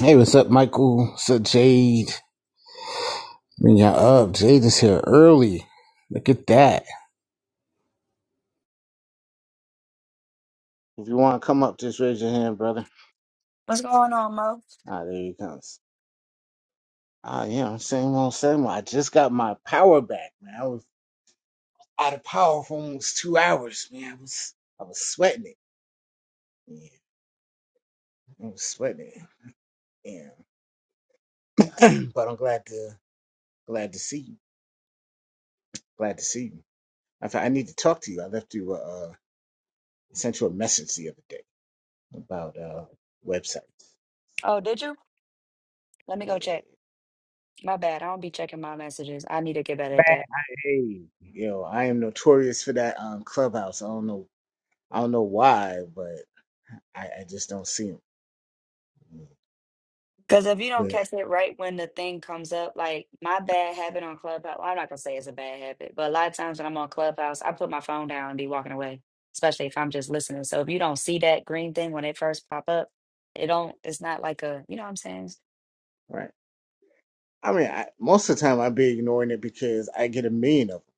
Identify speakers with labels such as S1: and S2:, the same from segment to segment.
S1: Hey, what's up, Michael? What's up, Jade? Bring y'all up. Jade is here early. Look at that. If you want to come up, just raise your hand, brother.
S2: What's going on, Mo?
S1: Ah, there he comes. Ah, yeah, same old, same old. I just got my power back, man. I was out of power for almost two hours, man. I was, I was sweating it. Yeah, I was sweating it. Yeah, but I'm glad to, glad to see you. Glad to see you. In fact, I need to talk to you. I left you, uh, sent you a message the other day about uh websites. So,
S2: Oh, did you? Let me go
S1: yeah.
S2: check. My bad. I don't be checking my messages. I need to get better
S1: Man,
S2: at that.
S1: I, hey, yo, I am notorious for that um clubhouse. I don't know, I don't know why, but I, I just don't see them.
S2: Because if you don't
S1: But
S2: catch it right when the thing comes up, like my bad habit on Clubhouse, well, I'm not going to say it's a bad habit, but a lot of times when I'm on Clubhouse, I put my phone down and be walking away, especially if I'm just listening. So if you don't see that green thing when it first pop up, it don't, it's not like a, you know what I'm saying?
S1: right, I mean, I, most of the time i be ignoring it because I get a million of them.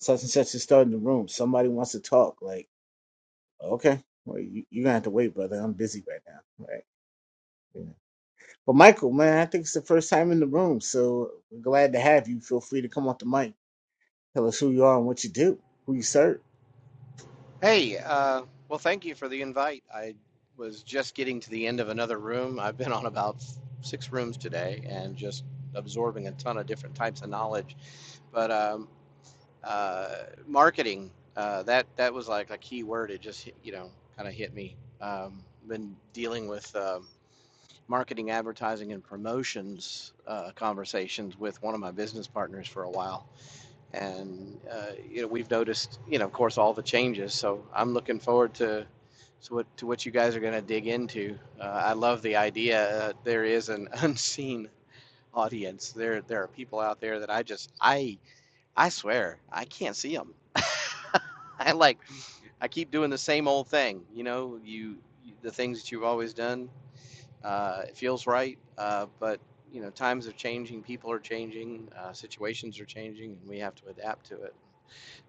S1: Such and such is starting the room. Somebody wants to talk. Like, okay, well, you, you're gonna have to wait, brother. I'm busy right now. Right. Yeah. But Michael, man, I think it's the first time in the room, so we're glad to have you. Feel free to come off the mic, tell us who you are and what you do, who you serve.
S3: Hey, uh, well, thank you for the invite. I was just getting to the end of another room. I've been on about s- six rooms today and just absorbing a ton of different types of knowledge. But um, uh, marketing, uh, that that was like a key word. It just hit- you know kind of hit me. Um, been dealing with um marketing, advertising, and promotions uh, conversations with one of my business partners for a while and uh, you know we've noticed you know of course all the changes so i'm looking forward to so what, to what you guys are going to dig into uh, i love the idea uh, there is an unseen audience there there are people out there that i just i i swear i can't see them i like i keep doing the same old thing you know you the things that you've always done uh, it feels right uh, but you know times are changing people are changing uh, situations are changing and we have to adapt to it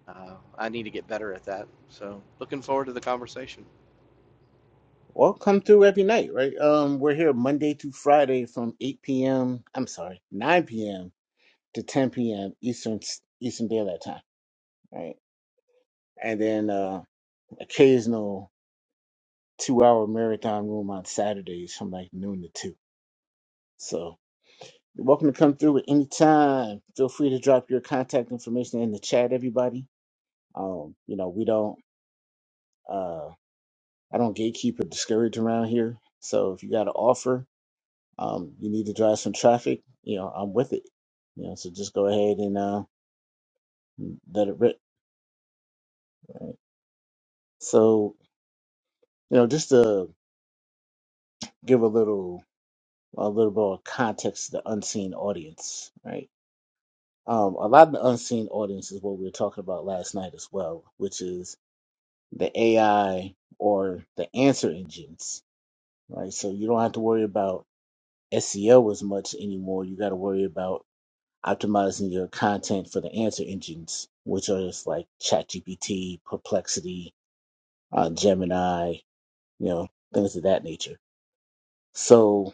S3: uh, I need to get better at that. So looking forward to the conversation.
S1: Well, come through every night, right? Um, we're here Monday through Friday from 8 p.m. I'm sorry, 9 p.m. to 10 p.m. Eastern Eastern Daylight Time, right? And then uh, occasional two-hour marathon room on Saturdays from like noon to two. So you're welcome to come through at any time. Feel free to drop your contact information in the chat, everybody. Um, you know, we don't uh, I don't gatekeep or discourage around here. So if you got an offer, Um, you need to drive some traffic. You know, I'm with it. You know, so just go ahead and uh, let it rip. Right? So, you know, just to give a little a little more context to the unseen audience, right? Um, a lot of the unseen audience is what we were talking about last night as well, which is the AI or the answer engines, right? So you don't have to worry about SEO as much anymore. You got to worry about optimizing your content for the answer engines, which are just like ChatGPT, Perplexity, uh, Gemini, you know, things of that nature. So,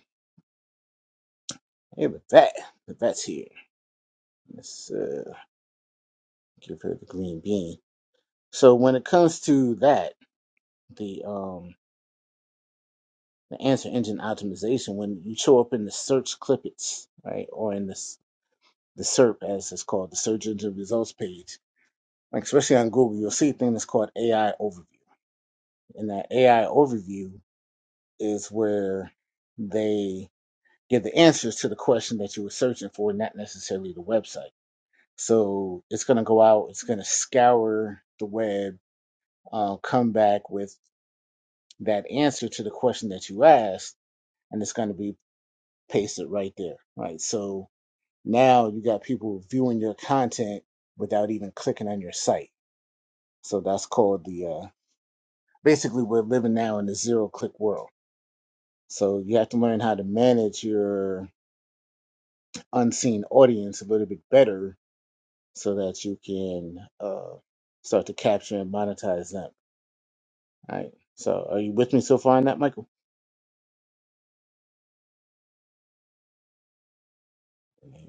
S1: hey, with that, the vet's here. Let's uh, give her the green bean. So, when it comes to that, the um, the answer engine optimization, when you show up in the search clippets, right, or in this the SERP as it's called, the search engine results page, like especially on Google, you'll see a thing that's called AI overview. In that AI overview, is where they give the answers to the question that you were searching for, not necessarily the website. So it's going to go out, it's going to scour the web, uh, come back with that answer to the question that you asked, and it's going to be pasted right there, right? So now you got people viewing your content without even clicking on your site. So that's called the uh, basically we're living now in the zero click world. So you have to learn how to manage your unseen audience a little bit better so that you can uh, start to capture and monetize them. All right. So are you with me so far on that, Michael?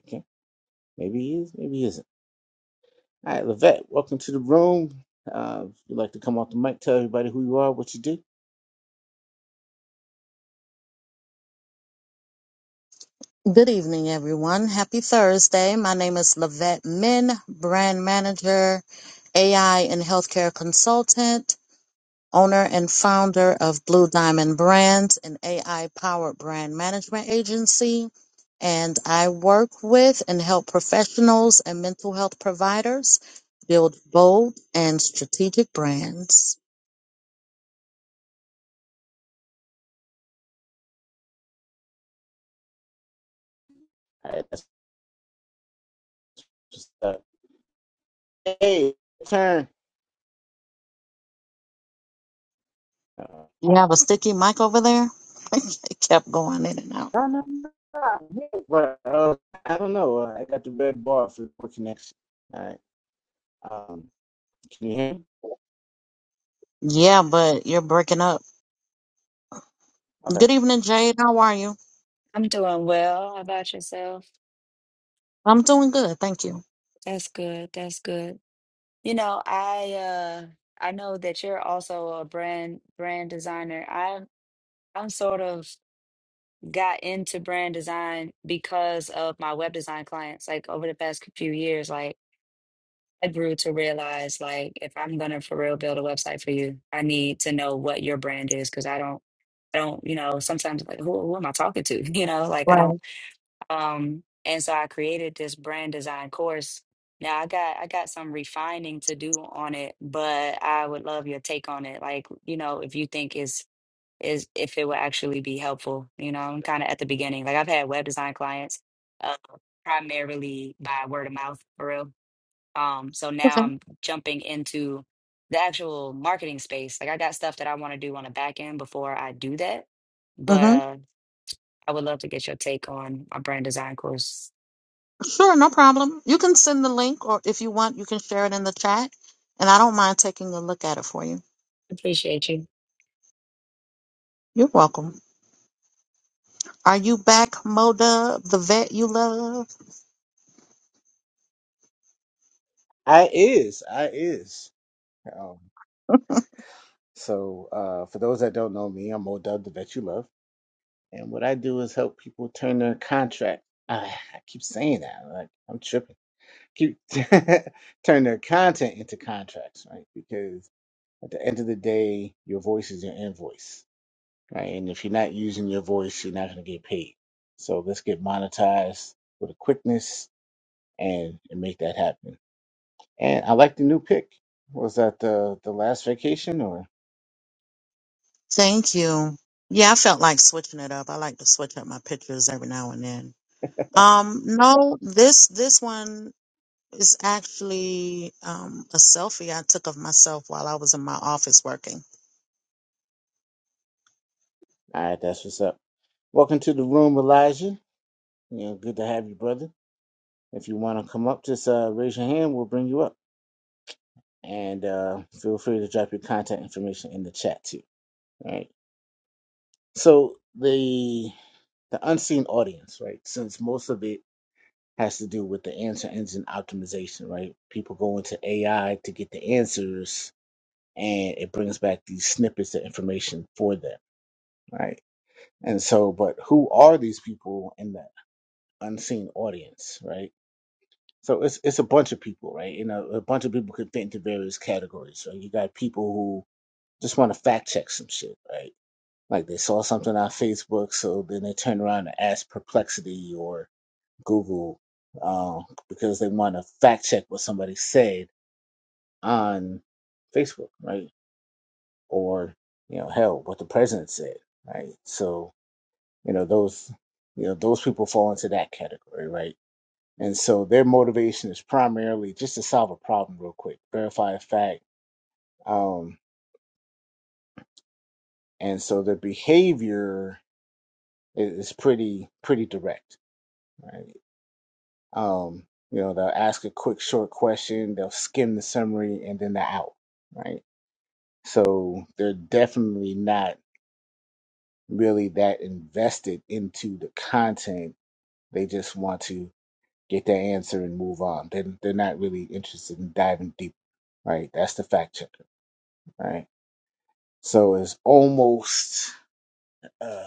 S1: Okay. Maybe he is, maybe he isn't. All right, Levette, welcome to the room. Uh, if you'd like to come off the mic, tell everybody who you are, what you do.
S4: Good evening, everyone. Happy Thursday. My name is Lavette Min, brand manager, AI and healthcare consultant, owner and founder of Blue Diamond Brands, an AI powered brand management agency. And I work with and help professionals and mental health providers build bold and strategic brands.
S1: All right, that's just uh, hey, turn. Uh,
S4: You have a sticky mic over there? it kept going in and out.
S1: I don't know, but uh, I don't know. Uh, I got the red bar for the connection. All right. Um, can you hear me?
S4: Yeah, but you're breaking up.
S1: Okay.
S4: Good evening, Jade. How are you?
S2: I'm doing well. How about yourself?
S4: I'm doing good, thank you.
S2: That's good. That's good. You know, I uh I know that you're also a brand brand designer. I'm I'm sort of got into brand design because of my web design clients. Like over the past few years, like I grew to realize like if I'm gonna for real build a website for you, I need to know what your brand is because I don't I don't, you know, sometimes like who, who am I talking to? You know, like I don't
S4: Right.
S2: um, and so I created this brand design course. Now I got I got some refining to do on it, but I would love your take on it. Like, you know, if you think is is if it will actually be helpful, you know, I'm kind of at the beginning. Like I've had web design clients uh primarily by word of mouth for real. Um, so now
S4: Okay.
S2: I'm jumping into the actual marketing space. Like I got stuff that I want to do on the back end before I do that. But
S4: Mm-hmm.
S2: uh I would love to get your take on my brand design course.
S4: Sure, no problem. You can send the link, or if you want, you can share it in the chat, and I don't mind taking a look at it for you.
S2: Appreciate you.
S4: You're welcome. Are you back, Moda, the vet you love?
S1: I is. I is. Um, so, uh, for those that don't know me, I'm Mo Dub, the vet you love. And what I do is help people turn their contract. I, I keep saying that, like I'm tripping. Keep turn their content into contracts, right? Because at the end of the day, your voice is your invoice, right? And if you're not using your voice, you're not going to get paid. So let's get monetized with a quickness and, and make that happen. And I like the new pick. Was that the the last vacation or?
S4: Thank you. Yeah, I felt like switching it up. I like to switch up my pictures every now and then. Um, no, this this one is actually um, a selfie I took of myself while I was in my office working.
S1: All right, that's what's up. Welcome to the room, Elijah. You know, good to have you, brother. If you want to come up, just uh, raise your hand. We'll bring you up, and uh, feel free to drop your contact information in the chat too. All right. So the the unseen audience, right? Since most of it has to do with the answer engine optimization, right? People go into AI to get the answers, and it brings back these snippets of information for them, right? And so, but who are these people in the unseen audience, right? So it's it's a bunch of people, right? You know, a bunch of people could fit into various categories. So you got people who just want to fact check some shit, right? Like they saw something on Facebook, so then they turn around and ask Perplexity or Google um, because they want to fact check what somebody said on Facebook, right? Or you know, hell, what the president said, right? So you know those you know those people fall into that category, right? And so their motivation is primarily just to solve a problem real quick, verify a fact. Um, and so their behavior i- is pretty pretty direct, right? Um, you know, they'll ask a quick short question, they'll skim the summary, and then they're out, right? So they're definitely not really that invested into the content. They just want to get their answer and move on. They're, they're not really interested in diving deep, right? That's the fact checker, right? So it's almost uh,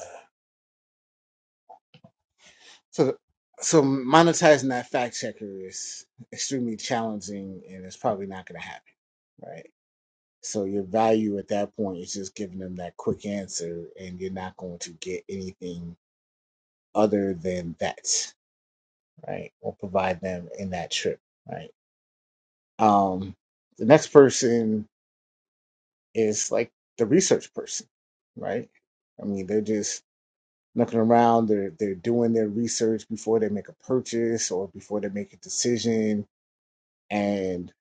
S1: so. So monetizing that fact checker is extremely challenging, and it's probably not going to happen, right? So your value at that point is just giving them that quick answer, and you're not going to get anything other than that, right? Or provide them in that trip, right? Um, the next person is like the research person, right? I mean, they're just looking around. They're they're doing their research before they make a purchase or before they make a decision, and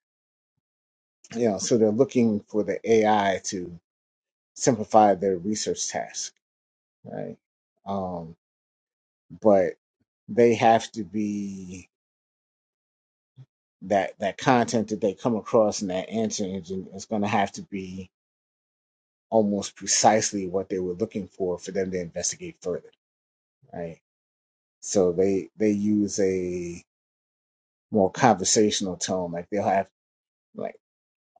S1: you know, so they're looking for the AI to simplify their research task, right? Um, but they have to be that that content that they come across in that answer engine is going to have to be almost precisely what they were looking for for them to investigate further, right? So they they use a more conversational tone, like they'll have. like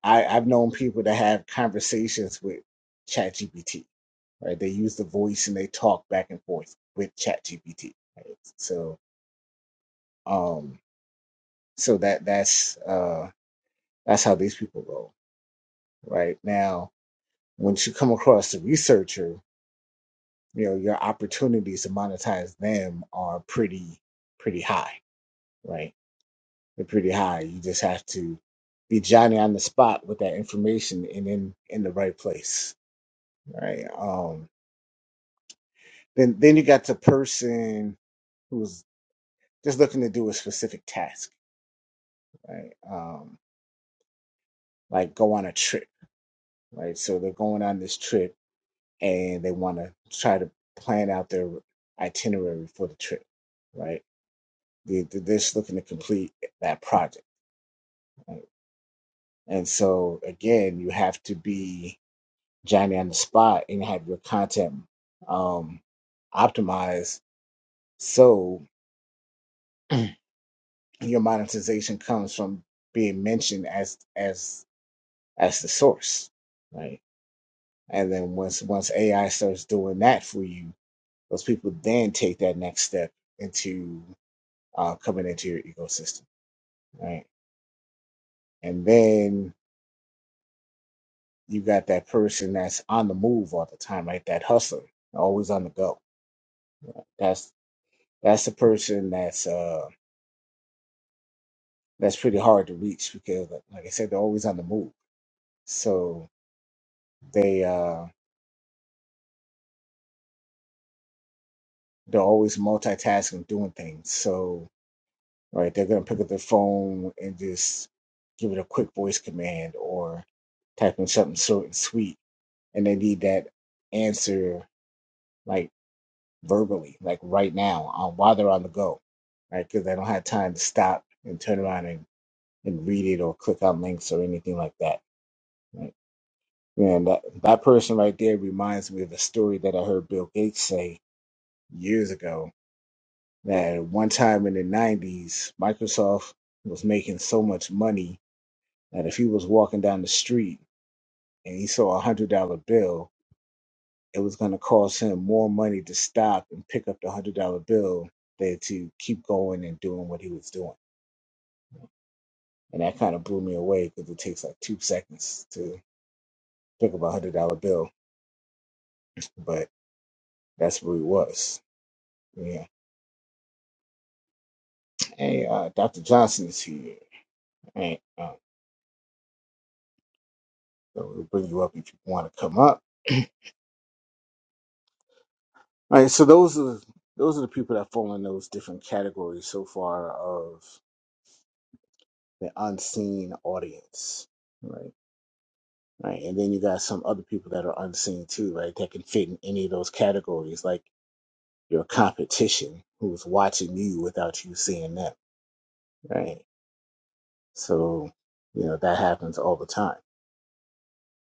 S1: I, I've known people that have conversations with ChatGPT, right? They use the voice and they talk back and forth with ChatGPT. Right? So, um, so that that's uh, that's how these people roll, right? Now, once you come across the researcher, you know your opportunities to monetize them are pretty pretty high, right? They're pretty high. You just have to be Johnny on the spot with that information and in in the right place, right? Um, Then then you got the person who's just looking to do a specific task, right? Um, like go on a trip, right? So they're going on this trip and they want to try to plan out their itinerary for the trip, right? They, they're just looking to complete that project, right? And so again, you have to be Johnny on the spot and have your content um, optimized so your monetization comes from being mentioned as as as the source, right? And then once once AI starts doing that for you, those people then take that next step into uh, coming into your ecosystem, right? And then you got that person that's on the move all the time, right? That hustler, always on the go. That's that's the person that's uh that's pretty hard to reach because, like like I said, they're always on the move. So they uh they're always multitasking, doing things. So right? They're going to pick up their phone and just give it a quick voice command or type in something short and sweet. And they need that answer like verbally, like right now, on, while they're on the go, right? Because they don't have time to stop and turn around and, and read it or click on links or anything like that, right? And that, that person right there reminds me of a story that I heard Bill Gates say years ago that one time in the 90s, Microsoft was making so much money that if he was walking down the street and he saw a hundred dollar bill, it was going to cost him more money to stop and pick up the hundred dollar bill than to keep going and doing what he was doing. And that kind of blew me away because it takes like two seconds to pick up a hundred dollar bill, but that's where he was. Yeah. Hey, uh, Dr. Johnson is here. And uh, so we'll bring you up if you want to come up. All right. So those are those are the people that fall in those different categories so far of. the unseen audience, right? Right, and then you got some other people that are unseen too, right? That can fit in any of those categories, like your competition, who's watching you without you seeing them, right? So, you know that happens all the time.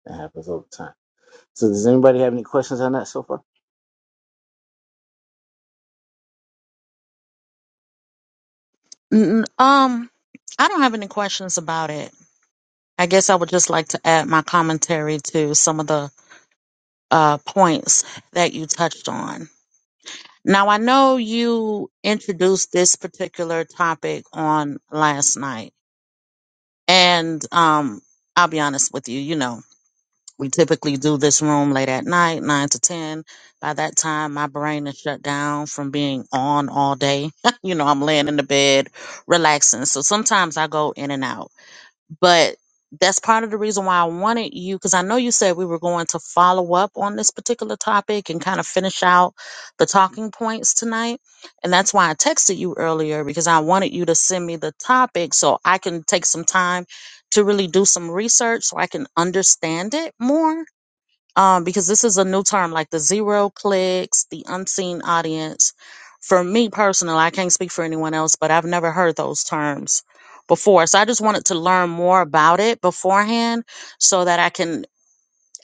S1: That happens all the time. So, does anybody have any questions on that so far?
S4: Mm, Um, I don't have any questions about it. I guess I would just like to add my commentary to some of the uh, points that you touched on. Now, I know you introduced this particular topic on last night, and um, I'll be honest with you, you know, we typically do this room late at night, 9 to 10. By that time, my brain is shut down from being on all day. you know, I'm laying in the bed, relaxing. So sometimes I go in and out. But that's part of the reason why I wanted you, because I know you said we were going to follow up on this particular topic and kind of finish out the talking points tonight. And that's why I texted you earlier, because I wanted you to send me the topic so I can take some time to really do some research so I can understand it more um, because this is a new term like the zero clicks, the unseen audience. For me personally, I can't speak for anyone else, but I've never heard those terms before. So I just wanted to learn more about it beforehand so that I can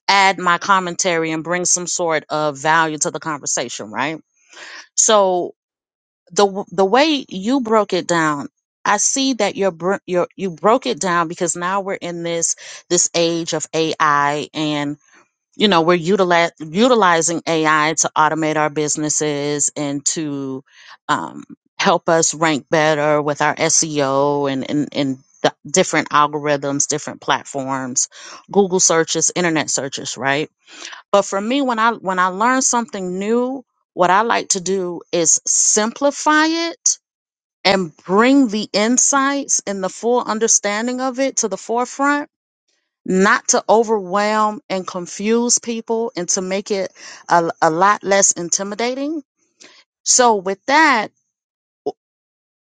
S4: add my commentary and bring some sort of value to the conversation, right? So the w- the way you broke it down, I see that you're, br- you're you broke it down because now we're in this this age of AI you know we're utilize, utilizing ai to automate our businesses and to um, help us rank better with our seo and and, and the different algorithms different platforms google searches internet searches right but for me when i when i learn something new what i like to do is simplify it and bring the insights and the full understanding of it to the forefront not to overwhelm and confuse people and to make it a, a lot less intimidating. So with that,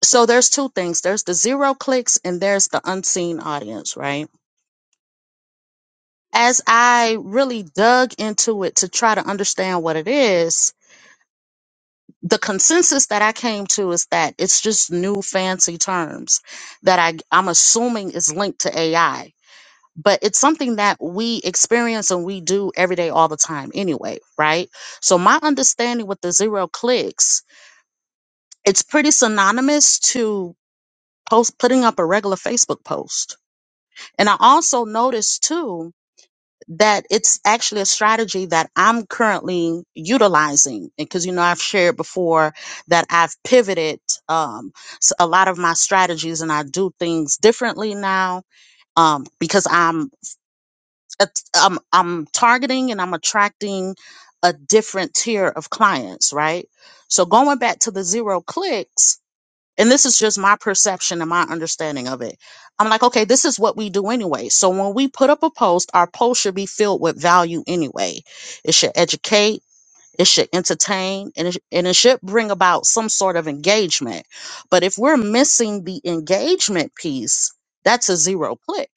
S4: so there's two things. There's the zero clicks and there's the unseen audience, right? As I really dug into it to try to understand what it is, the consensus that I came to is that it's just new fancy terms that I, I'm assuming is linked to AI but it's something that we experience and we do every day all the time anyway right so my understanding with the zero clicks it's pretty synonymous to post putting up a regular facebook post and i also noticed too that it's actually a strategy that i'm currently utilizing because you know i've shared before that i've pivoted um, s- a lot of my strategies and i do things differently now um, because i'm att- I'm I'm targeting and I'm attracting a different tier of clients, right? So going back to the zero clicks, and this is just my perception and my understanding of it. I'm like, okay, this is what we do anyway. So when we put up a post, our post should be filled with value anyway. It should educate, it should entertain, and it, sh- and it should bring about some sort of engagement. But if we're missing the engagement piece, that's a zero click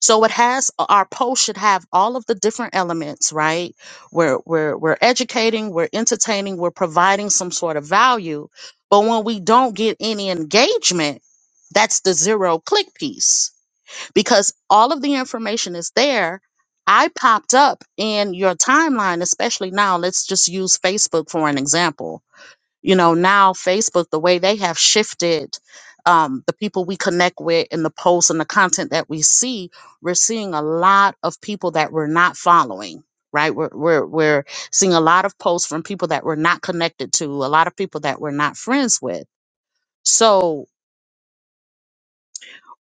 S4: so it has uh, our post should have all of the different elements, right? We're we're we're educating, we're entertaining, we're providing some sort of value. But when we don't get any engagement, that's the zero click piece because all of the information is there. I popped up in your timeline, especially now. Let's just use Facebook for an example you know now facebook the way they have shifted um, the people we connect with and the posts and the content that we see we're seeing a lot of people that we're not following right we're, we're we're seeing a lot of posts from people that we're not connected to a lot of people that we're not friends with so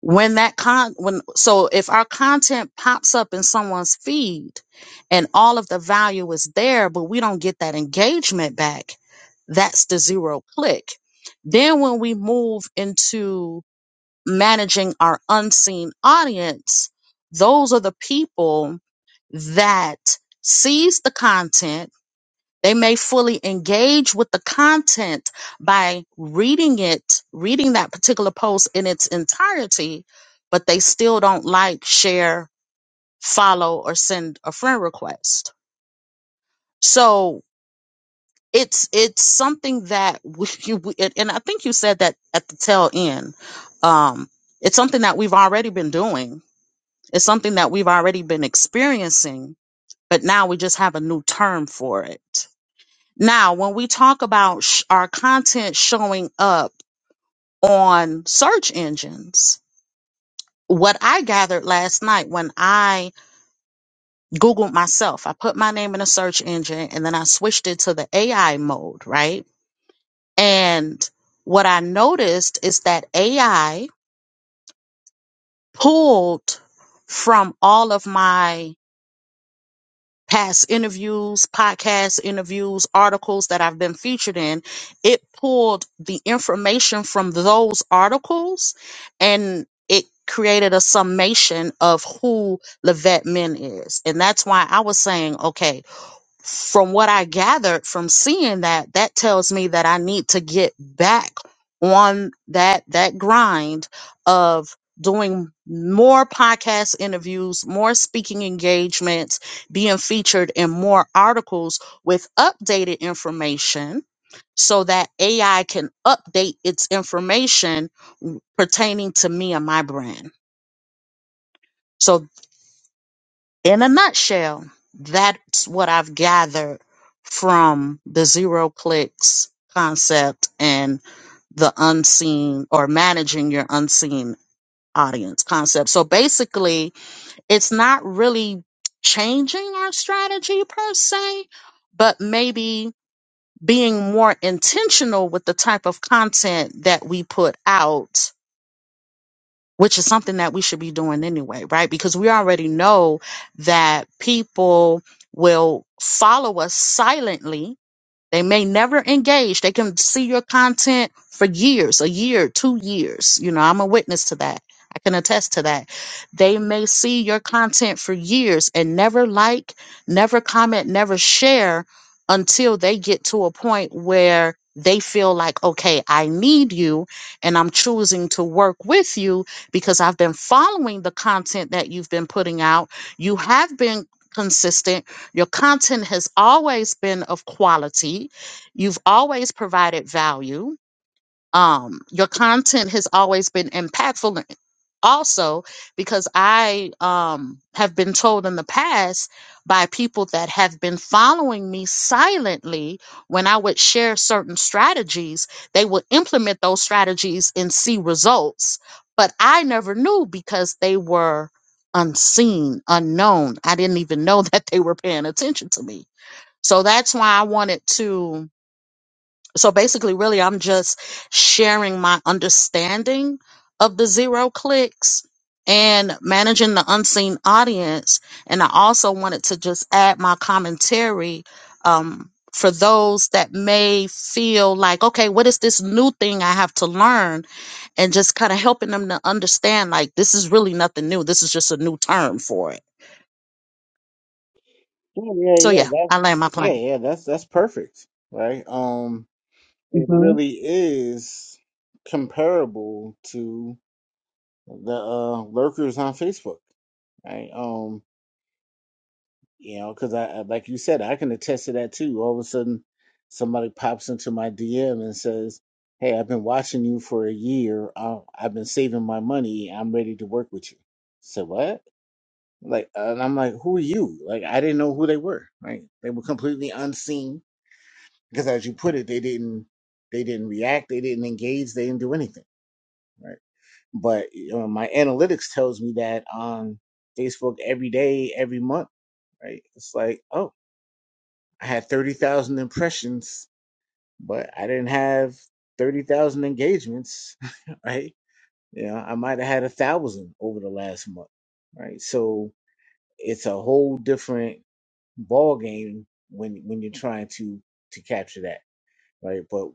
S4: when that con when so if our content pops up in someone's feed and all of the value is there but we don't get that engagement back that's the zero click then when we move into managing our unseen audience those are the people that sees the content they may fully engage with the content by reading it, reading that particular post in its entirety, but they still don't like, share, follow, or send a friend request. So it's it's something that we, you we- and and I think you said that at the tail end. Um, it's something that we've already been doing. It's something that we've already been experiencing, but now we just have a new term for it. Now, when we talk about sh- our content showing up on search engines, what I gathered last night when I Googled myself, I put my name in a search engine and then I switched it to the AI mode, right? And what I noticed is that AI pulled from all of my past interviews, podcast interviews, articles that I've been featured in, it pulled the information from those articles and it created a summation of who Levette Min is. And that's why I was saying, okay, from what I gathered from seeing that, that tells me that I need to get back on that that grind of doing more podcast interviews, more speaking engagements, being featured in more articles with updated information so that AI can update its information pertaining to me and my brand. So in a nutshell, that's what I've gathered from the zero clicks concept and the unseen or managing your unseen audience concept. So basically, it's not really changing our strategy per se, but maybe being more intentional with the type of content that we put out which is something that we should be doing anyway, right? Because we already know that people will follow us silently they may never engage. They can see your content for years, a year, two years. You know, I'm a witness to that. I can attest to that. They may see your content for years and never like, never comment, never share until they get to a point where they feel like, okay, I need you and I'm choosing to work with you because I've been following the content that you've been putting out. You have been consistent your content has always been of quality. You've always provided value. Um, your content has always been impactful also because I um, have been told in the past by people that have been following me silently when I would share certain strategies, they would implement those strategies and see results. But I never knew because they were unseen, unknown. I didn't even know that they were paying attention to me. So that's why I wanted to so basically, really, I'm just sharing my understanding of the zero clicks and managing the unseen audience. And I also wanted to just add my commentary um, for those that may feel like, okay, what is this new thing I have to learn? And just kind of helping them to understand, like, this is really nothing new. This is just a new term for it.
S1: Yeah, yeah,
S4: So,
S1: yeah.
S4: yeah,
S1: That,
S4: I land my
S1: yeah,
S4: plane.
S1: yeah. That's that's perfect, right? Um, it
S4: hmm
S1: really is comparable to the uh, lurkers on Facebook, right? Um, you know, because I, I- like you said, I can attest to that too. All of a sudden, somebody pops into my DM and says, "Hey, I've been watching you for a year. I, I've been saving my money. I'm ready to work with you." So what? Like, and I'm like, "Who are you?" Like, I didn't know who they were. Right? They were completely unseen because, as you put it, they didn't they didn't react, they didn't engage, they didn't do anything. Right? but you know, my analytics tells me that on Facebook every day, every month, right? It's like, oh, I had 30,000 impressions, but I didn't have 30,000 engagements, right? You know, I might have had a thousand over the last month, right? So it's a whole different ball game when when you're trying to to capture that, right? But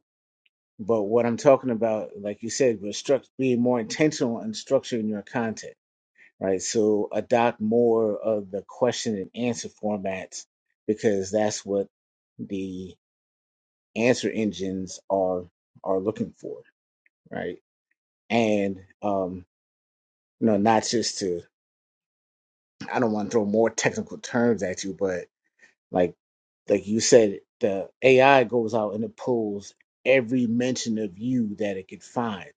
S1: but what I'm talking about, like you said, was struct being more intentional and structuring your content right? So adopt more of the question and answer formats because that's what the answer engines are are looking for, right? And um, you know, not just to I don't want to throw more technical terms at you, but Like like you said, the AI goes out and it pulls every mention of you that it could find,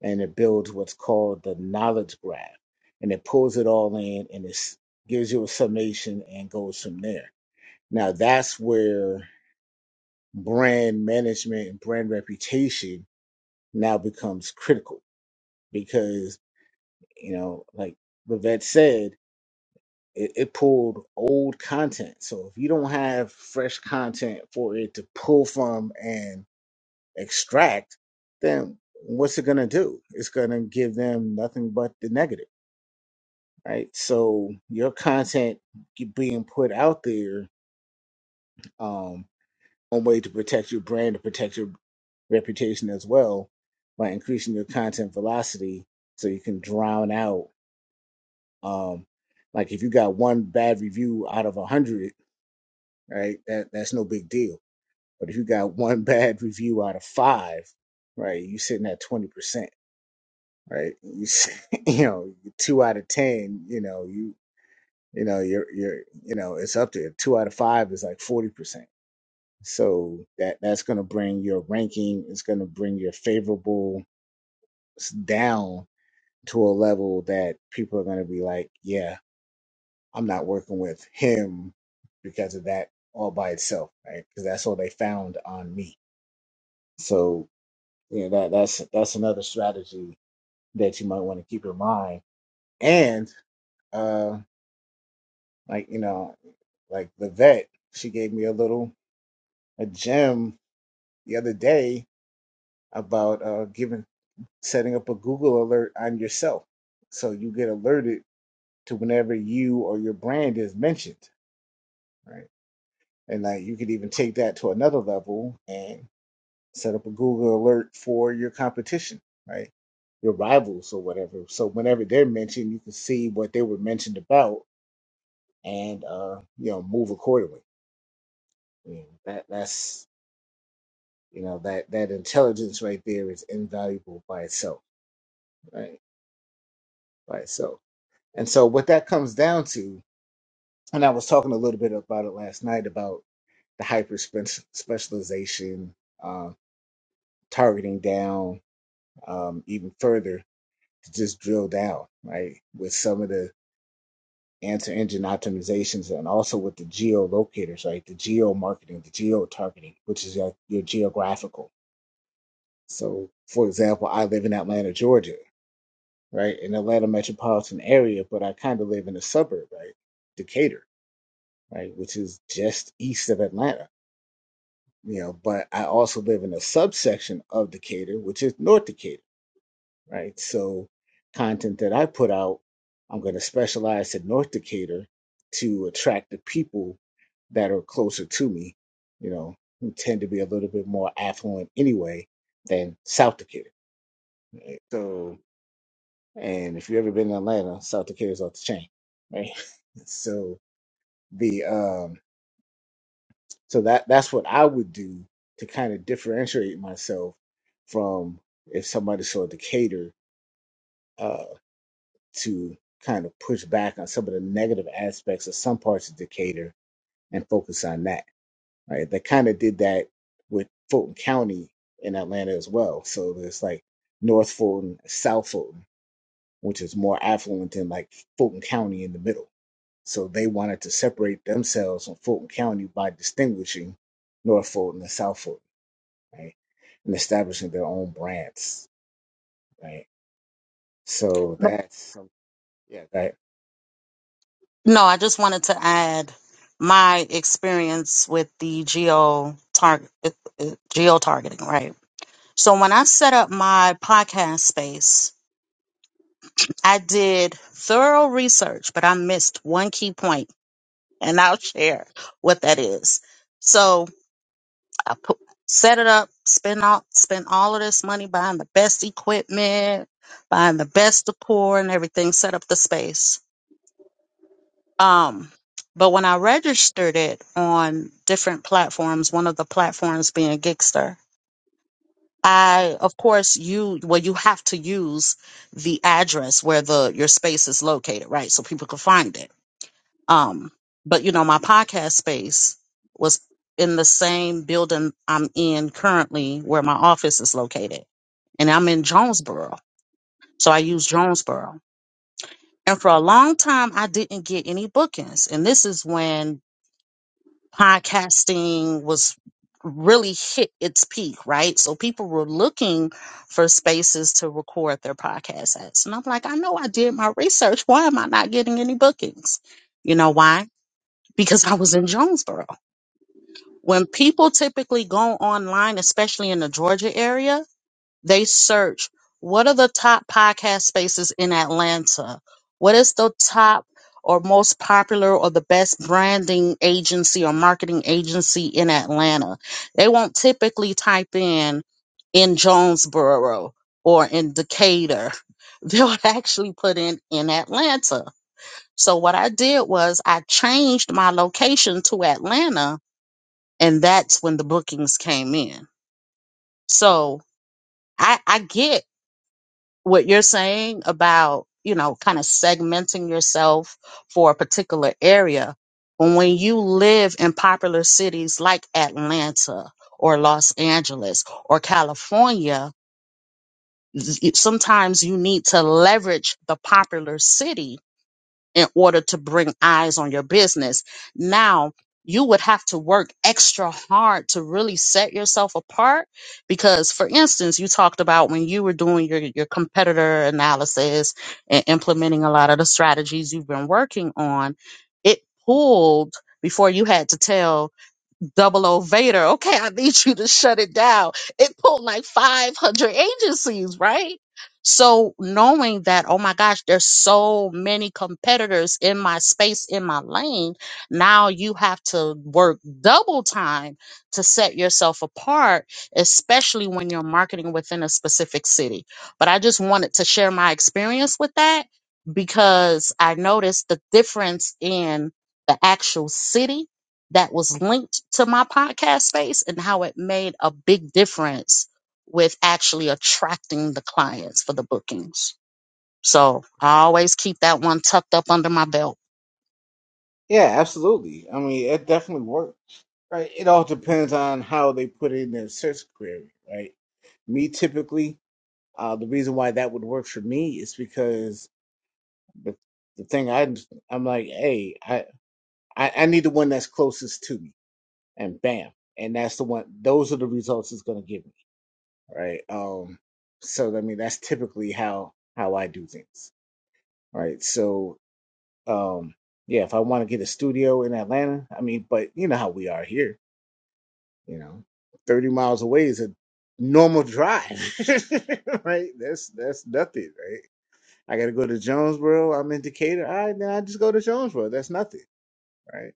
S1: and it builds what's called the knowledge graph, and it pulls it all in and it gives you a summation and goes from there. Now that's where brand management and brand reputation now becomes critical because you know, like Vivette said it, it pulled old content. So if you don't have fresh content for it to pull from and extract, then what's it gonna do? It's gonna give them nothing but the negative, right? So your content ge- being put out there, um, one way to protect your brand, to protect your reputation as well, by increasing your content velocity, so you can drown out, um, like if you got one bad review out of a hundred right? That that's no big deal. But if you got one bad review out of five, right, you sitting at twenty percent, right? You s- you know, two out of ten, you know, you you know, you're you're you know, it's up there. Two out of five is like forty percent. So that that's gonna bring your ranking, it's gonna bring your favorable s- down to a level that people are gonna be like, yeah, I'm not working with him because of that all by itself, right? Because that's all they found on me. So Yeah, that that's that's another strategy that you might want to keep in mind. And uh like you know, like the vet, she gave me a little a gem the other day about uh giving setting up a Google alert on yourself. So you get alerted to whenever you or your brand is mentioned, right? And like you could even take that to another level and. set up a Google alert for your competition, right? Your rivals or whatever. So whenever they're mentioned, you can see what they were mentioned about and uh, you know, move accordingly. You know, that that's you know, that that intelligence right there is invaluable by itself, right? By itself. And so what that comes down to, and I was talking a little bit about it last night about the hyper spec- specialization, uh, targeting down um, even further to just drill down, right? With some of the answer engine optimizations and also with the geo locators, right? The geo marketing, the geo targeting, which is your, your geographical. So, for example, I live in Atlanta, Georgia, right? In Atlanta metropolitan area, but I kind of live in a suburb, right? Decatur, right? Which is just east of Atlanta, you know, but I also live in a subsection of Decatur, which is North Decatur right? So, content that I put out, I'm going to specialize in North Decatur to attract the people that are closer to me, you know, who tend to be a little bit more affluent anyway than South Decatur. Right? So, and if you've ever been in Atlanta, South Decatur's off the chain, right? So the um, so that that's what I would do to kind of differentiate myself from if somebody saw Decatur. uh, to kind of push back on some of the negative aspects of some parts of Decatur and focus on that. Right? They kind of did that with Fulton County in Atlanta as well. So there's like North Fulton, South Fulton, which is more affluent than like Fulton County in the middle. So they wanted to separate themselves from Fulton County by distinguishing North Fulton and South Fulton, right? And establishing their own brands, right? So that's yeah. that
S4: No, I just wanted to add my experience with the geo target geo targeting, right? So when I set up my podcast space, I did thorough research, but I missed one key point, and I'll share what that is. So I put, set it up, spend all spend all of this money buying the best equipment, buying the best decor and everything, set up the space Um, but when I registered it on different platforms, one of the platforms being Gigster, I of course you well you have to use the address where the your space is located, right? So people can find it. Um, but you know, my podcast space was in the same building I'm in currently where my office is located. And I'm in Jonesboro. So I use Jonesboro. And for a long time I didn't get any bookings. And this is when podcasting was really hit its peak, right? So people were looking for spaces to record their podcasts at. And I'm like, I know I did my research. Why am I not getting any bookings? You know why? Because I was in Jonesboro. When people typically go online, especially in the Georgia area, they search what are the top podcast spaces in Atlanta? What is the top or most popular or the best branding agency or marketing agency in Atlanta? They won't typically type in in Jonesboro or in Decatur. They'll actually put in in Atlanta. So what I did was I changed my location to Atlanta and that's when the bookings came in. So I, I get what you're saying about you know kind of segmenting yourself for a particular area when you live in popular cities like Atlanta or Los Angeles or California y- sometimes you need to leverage the popular city in order to bring eyes on your business. Now, you would have to work extra hard to really set yourself apart because for instance you talked about when you were doing your, your competitor analysis and implementing a lot of the strategies you've been working on it pulled before you had to tell double O Vader. Okay, I need you to shut it down. It pulled like 500 agencies, right? So knowing that, oh my gosh, there's so many competitors in my space, in my lane. Now you have to work double time to set yourself apart, especially when you're marketing within a specific city. But I just wanted to share my experience with that because I noticed the difference in the actual city that was linked to my podcast space and how it made a big difference with actually attracting the clients for the bookings. So I always keep that one tucked up under my belt.
S1: Yeah, absolutely. I mean, it definitely works, right? It all depends on how they put in their search query, right? Me typically, uh, the reason why that would work for me is because the the thing I I'm like, hey, I, I I need the one that's closest to me, and bam, and that's the one. Those are the results it's gonna give me, right? Um, so I mean, that's typically how how I do things, right? So, um, yeah, if I want to get a studio in Atlanta, I mean, but you know how we are here You know, 30 miles away is a normal drive, right? That's that's nothing, right? I got to go to Jonesboro. I'm in Decatur. All right, then I just go to Jonesboro. That's nothing, right?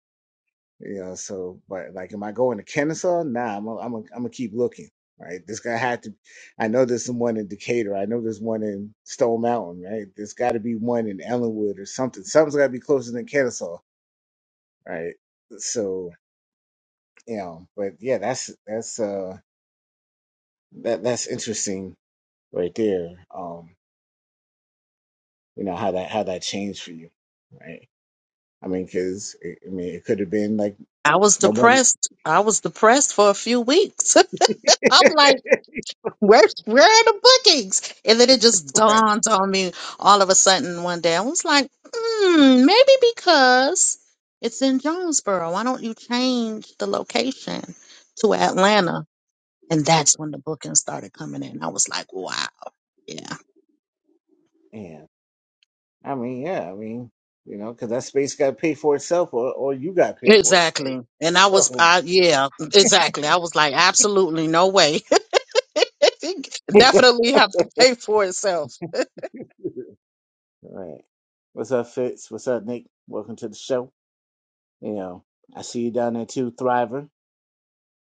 S1: You know, so but like, am I going to Kennesaw? Nah, I'm i I'm i am I'm going to keep looking, right? This guy had to. I know there's one in Decatur. I know there's one in Stone Mountain, right? There's got to be one in Ellenwood or something. Something's got to be closer than Kennesaw, right? So you know, but yeah, that's that's uh that that's interesting right there. Um, you know how that how that changed for you, right? I mean, because I mean, it could have been like
S4: I was
S1: nobody,
S4: depressed. I was depressed for a few weeks. I'm like, where, where are the bookings? And then it just
S1: right?
S4: dawned on me all of a sudden one day. I was like, hmm, maybe because it's in Jonesboro. Why don't you change the location to Atlanta? And that's when the bookings started coming in. I was like, wow, yeah.
S1: Yeah, I mean, yeah, I mean, you know, because that space got paid for itself, or or you got paid for it, right?
S4: Exactly. And I was,
S1: So,
S4: I, yeah, exactly. I was like, absolutely no way. Definitely have to pay for itself.
S1: right. What's up, Fitz? What's up, Nick? Welcome to the show. You know, I see you down there too, Thriver.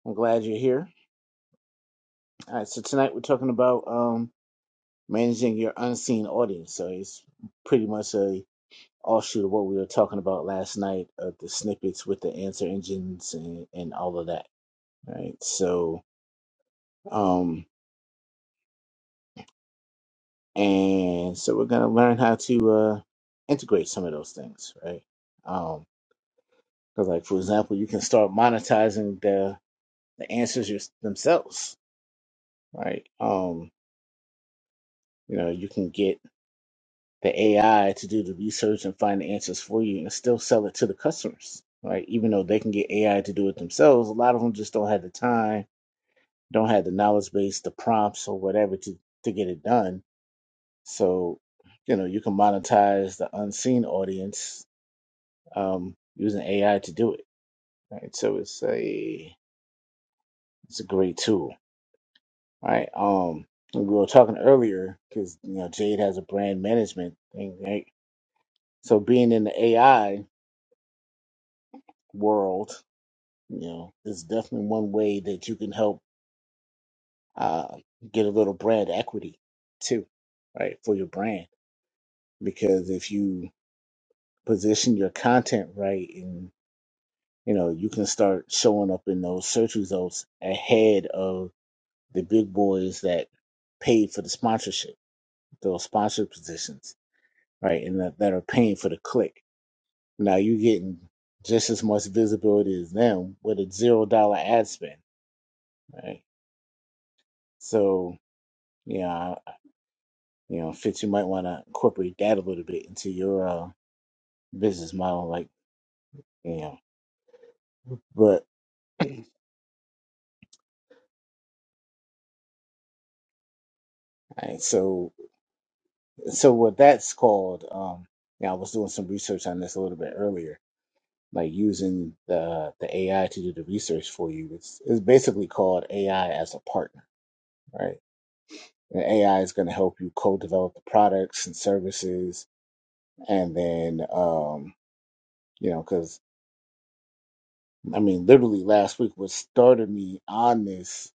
S1: I'm glad you're here. All right, so tonight we're talking about um managing your unseen audience. So it's pretty much a all shoot what we were talking about last night of the snippets with the answer engines and, and all of that right so um and so we're gonna learn how to uh integrate some of those things right um because like for example you can start monetizing the the answers your, themselves right um you know you can get the ai to do the research and find the answers for you and still sell it to the customers right even though they can get ai to do it themselves a lot of them just don't have the time don't have the knowledge base, the prompts, or whatever to to get it done. So, you know, you can monetize the unseen audience um, using AI to do it. Right. So it's a it's a great tool. Right. Um, and we were talking earlier because you know Jade has a brand management thing. Right. So being in the AI world, you know, is definitely one way that you can help uh, get a little brand equity too, right, for your brand because if you position your content right and you know you can start showing up in those search results ahead of the big boys that paid for the sponsorship those sponsored positions right and that, that are paying for the click now you're getting just as much visibility as them with a zero dollar ad spend right so yeah I- you know fitz you might want to incorporate that a little bit into your uh, business model like you know but all right, so so what that's called um yeah i was doing some research on this a little bit earlier like using the the ai to do the research for you it's, it's basically called ai as a partner right and ai is going to help you co-develop the products and services and then um you know because i mean literally last week what started me on this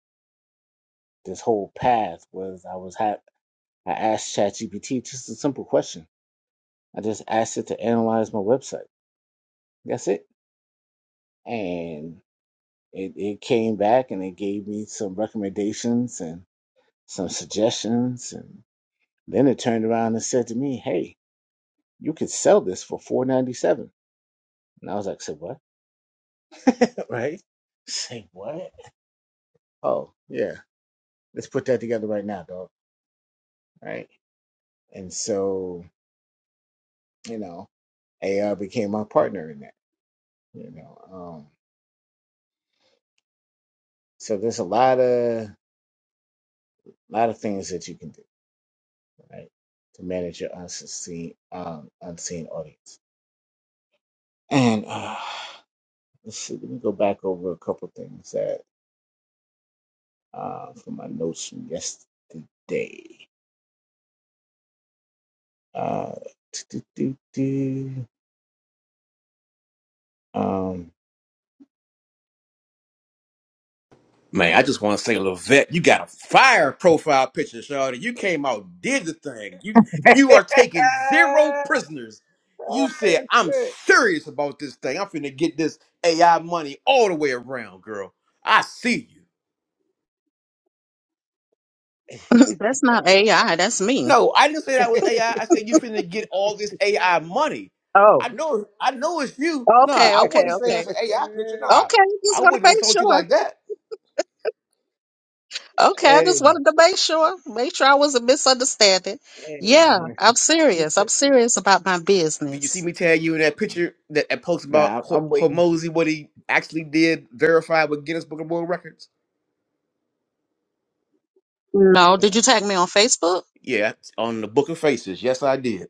S1: this whole path was i was ha- i asked chatgpt just a simple question i just asked it to analyze my website that's it and it, it came back and it gave me some recommendations and some suggestions and then it turned around and said to me hey you could sell this for four ninety seven." and i was like say what right say what oh yeah let's put that together right now dog right and so you know ar became my partner in that you know um so there's a lot of lot of things that you can do right to manage your unseen um, unseen audience and uh, Let's see. Let me go back over a couple things that uh, from my notes from yesterday. Uh, do, do, do, do. Um,
S5: Man, I just want to say, Levette, you got a fire profile picture, Shawty. You came out, did the thing. You you are taking zero prisoners. You said, I'm serious about this thing. I'm finna get this AI money all the way around, girl. I see you.
S4: that's not AI. That's me.
S5: No, I didn't say that was AI. I I said you finna get all this AI money.
S4: Oh,
S5: I know I know it's you. Nah,
S4: okay,
S5: I
S4: okay,
S5: wasn't saying
S4: okay.
S5: that's an AI picture. Nah,
S4: Okay, just
S5: I
S4: want to
S5: wouldn't
S4: make
S5: insult you
S4: sure.
S5: like that.
S4: Okay, I
S1: Hey,
S4: just wanted to make sure, make sure I wasn't misunderstanding.
S1: hey,
S4: Yeah,
S1: when
S4: I'm
S1: she
S4: serious.
S1: said-
S4: I'm serious about my
S5: Did you see
S4: business.
S5: me tag you in that picture that, that post about
S1: man, I'm,
S5: Ho-
S1: I'm waiting.
S5: Hormozy what he actually did verified with Guinness Book of World Records?
S4: No,
S1: yeah,
S4: did you tag me on Facebook?
S5: Yeah, on the Book of Faces. Yes, I did.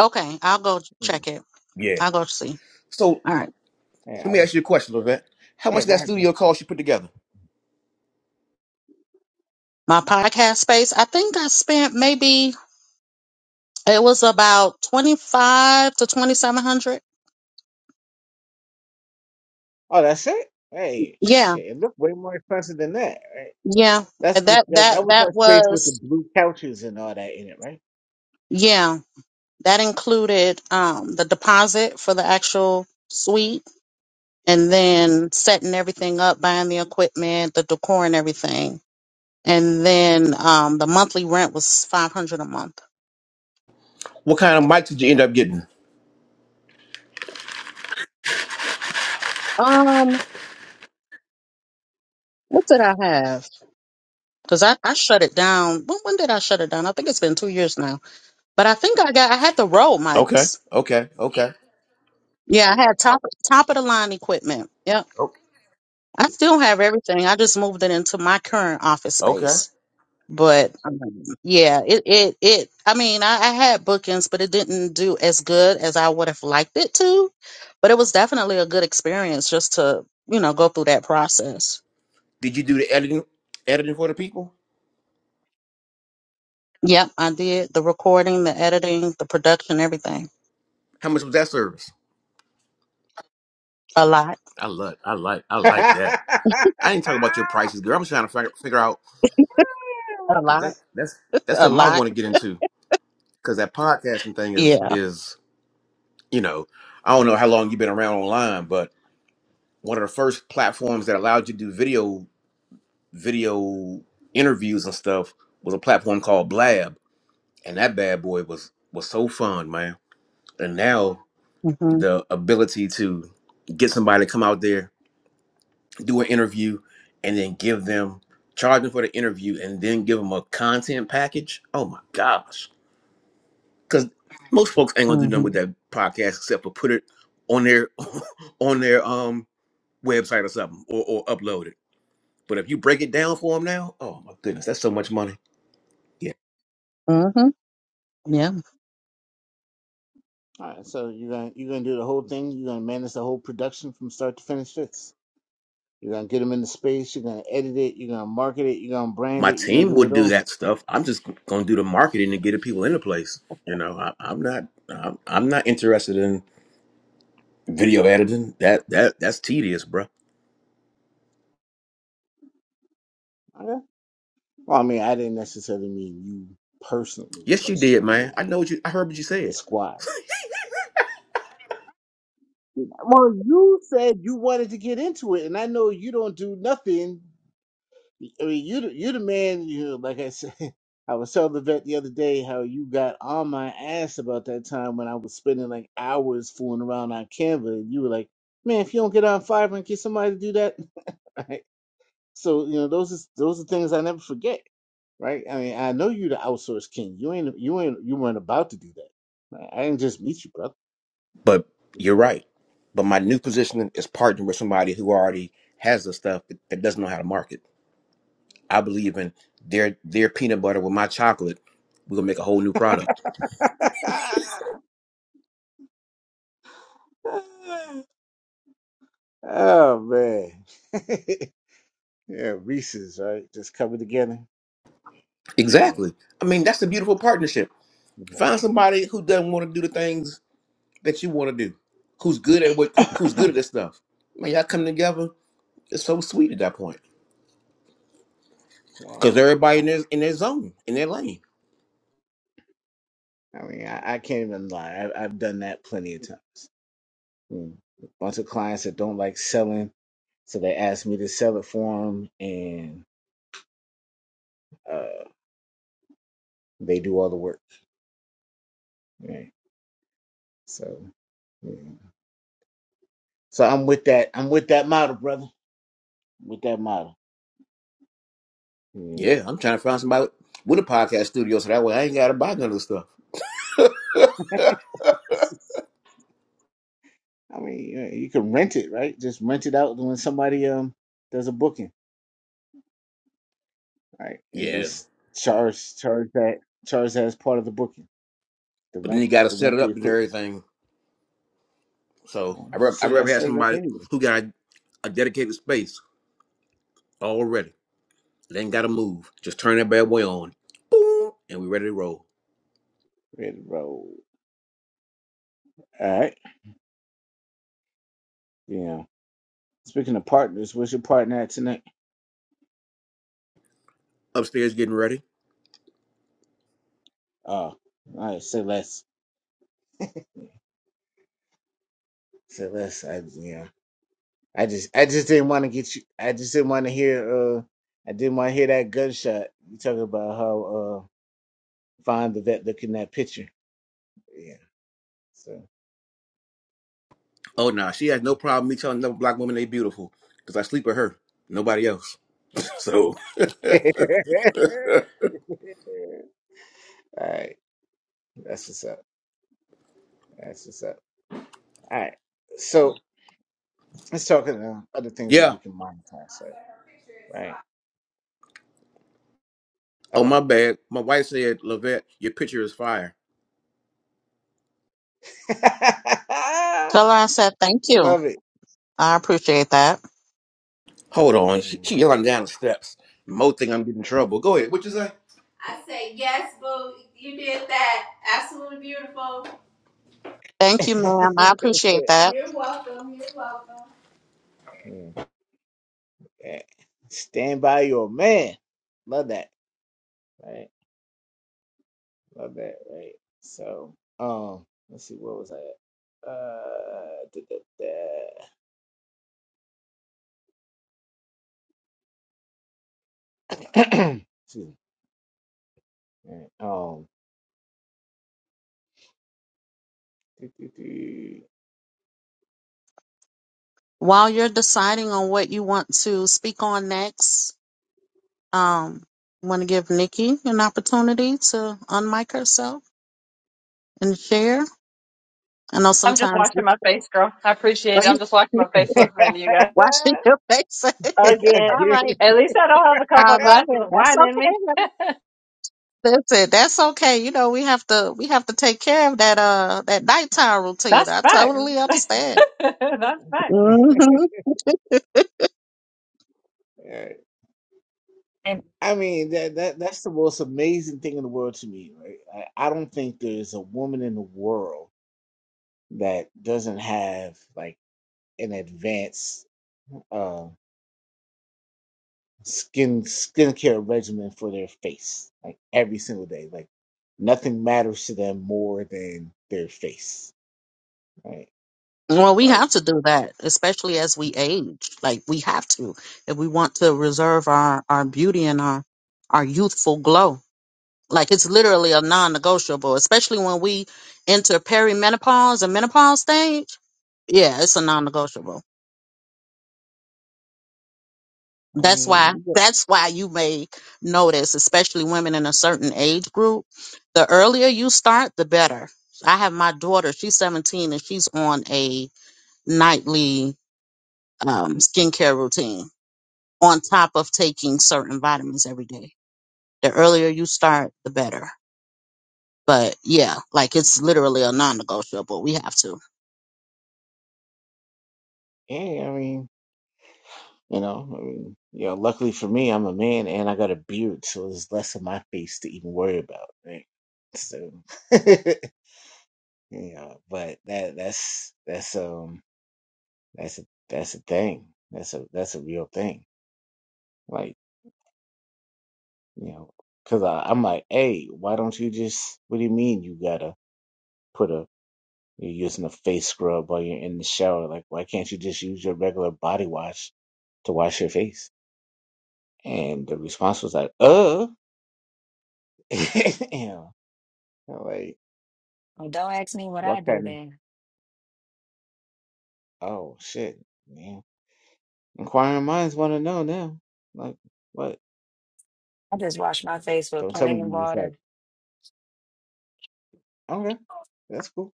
S4: Okay, I'll go
S1: mm,
S4: check it.
S5: Yeah.
S4: I'll go see.
S5: So
S4: All right.
S1: Hey,
S5: let
S1: I
S5: me
S1: was,
S5: ask you a question, Levette. How
S1: yeah,
S5: much did
S1: go
S5: that
S1: ahead, bro.
S5: studio cost you put together?
S4: my podcast space. I think I spent maybe it was about twenty five to twenty seven hundred.
S1: Oh, that's it. Hey,
S4: Yeah,
S1: shit, it looked way more expensive than that, right?
S4: yeah.
S1: That's
S4: And
S1: what
S4: That
S1: that, that
S4: that
S1: was
S4: that
S1: that space with the
S4: was
S1: blue couches and all that in it,
S4: yeah. That included um the deposit for the actual suite, and then setting everything up, buying the equipment, the decor, and everything. And then um the monthly rent was five hundred a month.
S5: What kind of mics did you end up getting?
S4: Um, what did I have? Because I I shut it down. When when did I shut it down? I think it's been two years now But I think I got I had the road
S5: Okay,
S4: mics.
S5: okay, okay,
S4: Yeah, I had top top of the line equipment. Yep.
S5: o-
S4: I still have everything. I just moved it into my current office
S5: okay.
S4: space. But um, yeah, it it it I mean, I, I had bookings, but it didn't do as good as I would have liked it to. But it was definitely a good experience just to, you know, go through that process.
S5: Did you do the editing, editing for the people?
S4: Yep, I did the recording, the editing, the production, everything.
S5: How much was that service?
S4: A lot,
S5: I love, I like, I like that.
S1: right?
S5: I ain't talking about your prices, girl. I'm just trying to figure, figure out
S4: a
S5: because
S4: lot,
S5: that, that's that's
S4: a
S5: something I
S4: lot.
S5: want to get into. because that podcasting thing is
S4: Yeah.
S5: is you know I don't know how long you've been around online, but one of the first platforms that allowed you to do video video interviews and stuff was a platform called Blab, and that bad boy was was so fun, man. And now
S4: Mhm.
S5: the ability to get somebody to come out there do an interview and then give them charge them for the interview and then give them a content package. Oh my gosh because most folks ain't gonna do nothing with
S4: Mhm.
S5: that podcast except for put it on their on their um website or something or, or upload it. But if you break it down for them now, oh my goodness, that's so much money. Yeah,
S4: Mhm. Yeah.
S1: All right, so you're gonna you're gonna do the whole thing. You're gonna manage the whole production from start to finish. This you're gonna get them into space. You're gonna edit it. You're gonna market it. You're gonna brand
S5: my
S1: it. You're gonna
S5: team
S1: do
S5: would
S1: it
S5: do
S1: all.
S5: that stuff. I'm just gonna do the marketing and get the people in the place. You know, I, I'm not I'm, I'm not interested in video editing. That that that's tedious, bro.
S1: Okay. Well, I mean, I didn't necessarily mean you personally,
S5: Yes,
S1: but
S5: you did,
S1: you
S5: man. I
S1: know,
S5: know what you. I heard what you
S1: the
S5: said.
S1: squad. Well, you said you wanted to get into it, and I know you don't do nothing I mean, you the- you the man. You like I said, I was telling the vet the other day how you got on my ass about that time when I was spending like hours fooling around on Canva, and you were like, "Man, if you don't get on Fiverr and get somebody to do that," right? So you know those is those are things I never forget, right? I mean, I know you the outsource king. You ain't you ain't you weren't about to do that. I I didn't just meet you, brother.
S5: But you're right. But my new position is partnering with somebody who already has the stuff that that doesn't know how to market. I believe in their their peanut butter with my chocolate. We're gonna make a whole new product.
S1: oh man, yeah, Reese's right, just coming together. Yeah.
S5: Exactly. I mean, that's the beautiful partnership.
S1: Mm-hmm.
S5: Find somebody who doesn't want to do the things that you want to do, who's good at what, who- who's good at this stuff. Man, y'all come together. It's so sweet at that point
S1: Well,
S5: because
S1: I mean,
S5: everybody in
S1: I,
S5: their in their zone, in their lane.
S1: I, mean, I, I can't even lie. I've, I've done that plenty of times. Mm. Bunch of clients that don't like selling, so they ask me to sell it for them, and uh, they do all the work. Right. So, yeah. so I'm with that. I'm with that model, brother. With that model. Yeah.
S5: Yeah, I'm trying to find somebody with a podcast studio so that way I ain't gotta buy none of the stuff.
S1: I mean, you, know, you can rent it, right? Just rent it out when somebody um does a booking, right? And
S5: Yeah.
S1: just charge charge that charge that as part of the booking. The
S5: but then
S1: rent
S5: you got to
S1: the
S5: set
S1: rent
S5: it
S1: the
S5: up and
S1: equipment.
S5: everything. So
S1: Well,
S5: I
S1: we
S5: re- I
S1: still gotta
S5: rather have
S1: set it up
S5: somebody
S1: anyway.
S5: who got a dedicated space already. They ain't got to move. Just turn that bad boy on, boom, and we ready to roll.
S1: Ready to roll. All right. Yeah. Speaking of partners, where's your partner at tonight?
S5: Upstairs getting ready.
S1: Oh, all right. Say less. Say less. I yeah. I just I just didn't want to get you. I just didn't want to hear. Uh, I didn't want to hear that gunshot. You talking about how uh fine the vet look in that picture? Yeah. So.
S5: Oh nah, she has no problem me telling another black woman they beautiful because I sleep with her, nobody else. So
S1: all right. That's what's up. That's what's up. All right. So let's talk about other things that
S5: yeah.
S1: we can monetize. Right. Right.
S5: Oh
S1: Uh
S5: my bad. My wife said, Lavette, your picture is fire.
S4: Tell her I said thank you.
S1: Love it.
S4: I appreciate that.
S5: Hold on. She,
S1: Mm,
S5: she yelling down the steps. Mo think I'm getting in trouble. Go ahead. What you say? I say yes, boo. You did that. Absolutely beautiful.
S4: Thank you, ma'am. I appreciate that.
S5: You're welcome. You're welcome.
S1: mm. Yeah. Stand by your man. Love that. Right. Love that. Right. So, um, let's see. What was I? At? Uh, da, da, da. excuse me. Right. Um, do, do,
S4: While you're deciding on what you want to speak on next, um, want to give Nikki an opportunity to unmic herself and share. I know
S6: I'm just
S4: sometimes we
S6: washing my face, girl. I appreciate
S4: are
S6: it.
S4: you
S6: I'm just washing
S4: you
S6: my face listening to you guys.
S4: washing your face.
S1: do.
S6: Again.
S4: All
S1: again.
S4: right,
S6: At least I don't have a couple
S4: I
S6: of
S4: love
S6: glasses
S4: it.
S6: of
S4: That's
S6: wine in me.
S4: okay. honey. That's it. That's okay. You know we have to we have to take care of that uh that nighttime routine.
S6: That's
S4: I totally
S6: fact.
S4: understand.
S6: That's fact.
S4: hmm
S1: Right.
S2: And
S1: I mean that that that's the most amazing thing in the world to me. Right. I, I don't think there's a woman in the world that doesn't have like an advanced uh, skin skincare regimen for their face, like every single day. Like nothing matters to them more than their face, right?
S4: Well, we
S1: Like
S4: have to do that, especially as we age. Like we have to, if we want to reserve our our beauty and our our youthful glow. Like it's literally a non-negotiable, especially when we enter perimenopause and menopause stage. Yeah, it's a non-negotiable.
S1: I
S4: That's
S1: mean,
S4: why
S1: you got,
S4: that's why you may notice, especially women in a certain age group, the earlier you start, the better. I have my daughter, she's 17 and she's on a nightly um skincare routine on top of taking certain vitamins every day. The earlier you start, the better. But yeah, like it's literally a non-negotiable. We have to.
S1: yeah, I mean, you know, I mean, you know. Luckily for me, I'm a man and I got a beard, so there's less of my face to even worry about, right? So, yeah, but that that's that's um that's a that's a thing. That's a that's a real thing Like, you know, because I'm like, hey, why don't you just, what do you mean you gotta put a, you're using a face scrub while you're in the shower? Like, why can't you just use your regular body wash to wash your face? And the response was like, uh. and I'm like,
S2: oh, don't ask me what
S1: what
S2: I do
S1: kind of,
S2: then.
S1: oh, shit, man. Inquiring minds want to know now. Like, what?
S2: I just wash my face with
S1: Don't tell me
S2: plain
S1: you just like,
S2: water.
S1: okay, that's cool.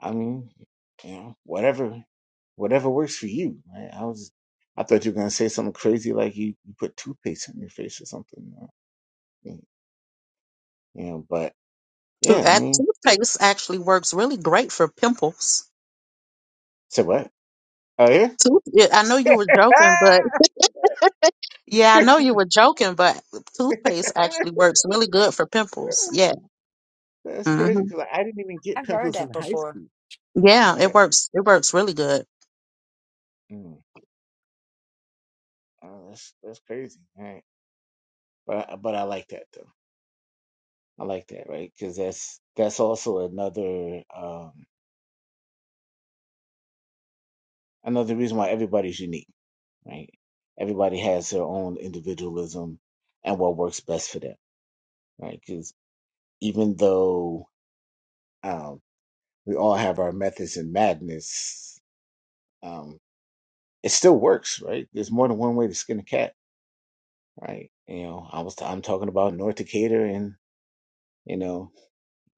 S1: I mean, you know, whatever, whatever works for you. Right? I was, I thought you were gonna say something crazy like you, you put toothpaste on your face or something. uh, You know, but
S4: To
S1: yeah, I
S4: at
S1: mean,
S4: toothpaste actually works really great for pimples.
S1: so what? Oh yeah,
S4: Tooth, yeah, I know you were joking, but
S1: Ah!
S4: yeah, I know you were joking, but toothpaste actually works really good for pimples. Yeah.
S1: that's crazy
S4: hmm
S1: because I didn't even get
S2: I've heard
S1: pimples in
S2: that
S1: high
S2: before.
S1: school.
S4: Yeah,
S1: Right?
S4: it works. It works really good.
S1: Mm, oh, that's that's crazy. Right? But I- but I like that though. I like that, right? Because that's that's also another um another reason why everybody's unique. right? Everybody has their own individualism and what works best for them, right? Because even though um, we all have our methods and madness, um, it still works, right? There's more than one way to skin a cat, right? You know, I was I'm talking about North Decatur and you know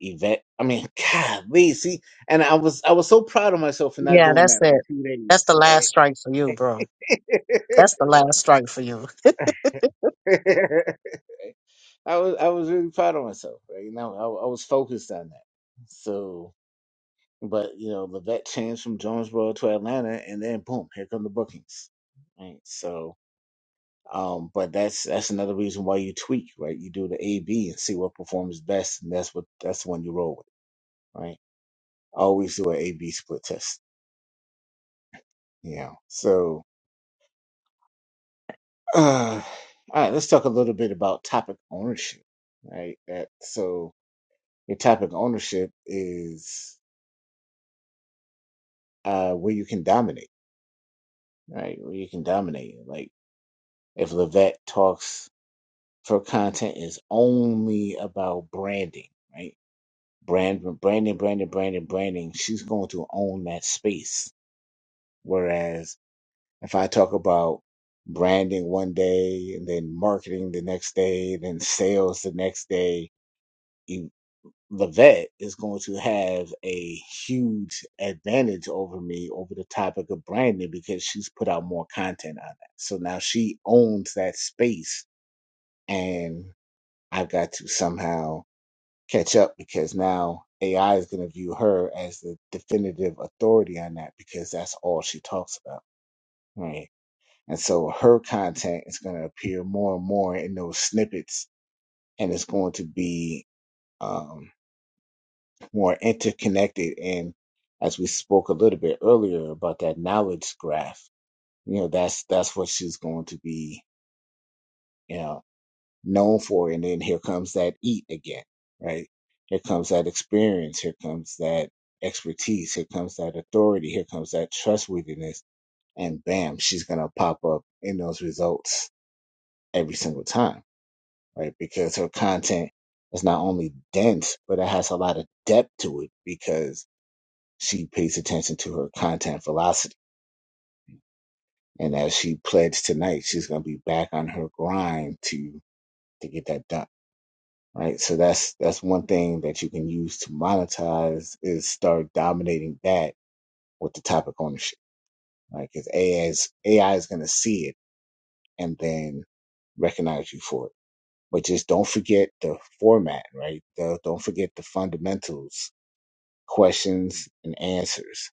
S1: Yvette. I mean, God, see, and I was I was so proud of myself for not
S4: Yeah,
S1: doing
S4: that's
S1: that for
S4: it.
S1: two
S4: That's
S1: days,
S4: the last strike for you, bro.
S1: right?
S4: That's the last strike for you.
S1: Right? I was I was really proud of myself. Right? You know, I, I was focused on that. So, but you know, the vet changed from Jonesboro to Atlanta, and then boom, here come the bookings. Right? So, um, but that's that's another reason why you tweak, right? You do the A B and see what performs best, and that's what that's the one you roll with, right? Always do an A B split test. You know, so uh, all right, let's talk a little bit about topic ownership, right? That so Your topic of ownership is uh, where you can dominate, right? Where you can dominate. Like if Levette talks for content is only about branding, right? Brand, branding, branding, branding, branding. She's going to own that space. Whereas if I talk about branding one day and then marketing the next day, then sales the next day. the vet is going to have a huge advantage over me over the topic of branding because she's put out more content on that. So now she owns that space and I've got to somehow catch up because now AI is going to view her as the definitive authority on that because that's all she talks about. Right. And so her content is going to appear more and more in those snippets and it's going to be um, more interconnected. And as we spoke a little bit earlier about that knowledge graph, you know, that's that's what she's going to be, you know, known for. And then here comes that eat again, right? Here comes that experience. Here comes that expertise. Here comes that authority. Here comes that trustworthiness. And bam, she's going to pop up in those results every single time, right? Because her content is not only dense, but it has a lot of depth to it because She pays attention to her content velocity. And as she pledged tonight, she's going to be back on her grind to to get that done. Right. So that's that's one thing that you can use to monetize is start dominating that with the topic ownership. Right. Because AI is, AI is going to see it and then recognize you for it. But just don't forget the format, right? Don't don't forget the fundamentals questions and answers,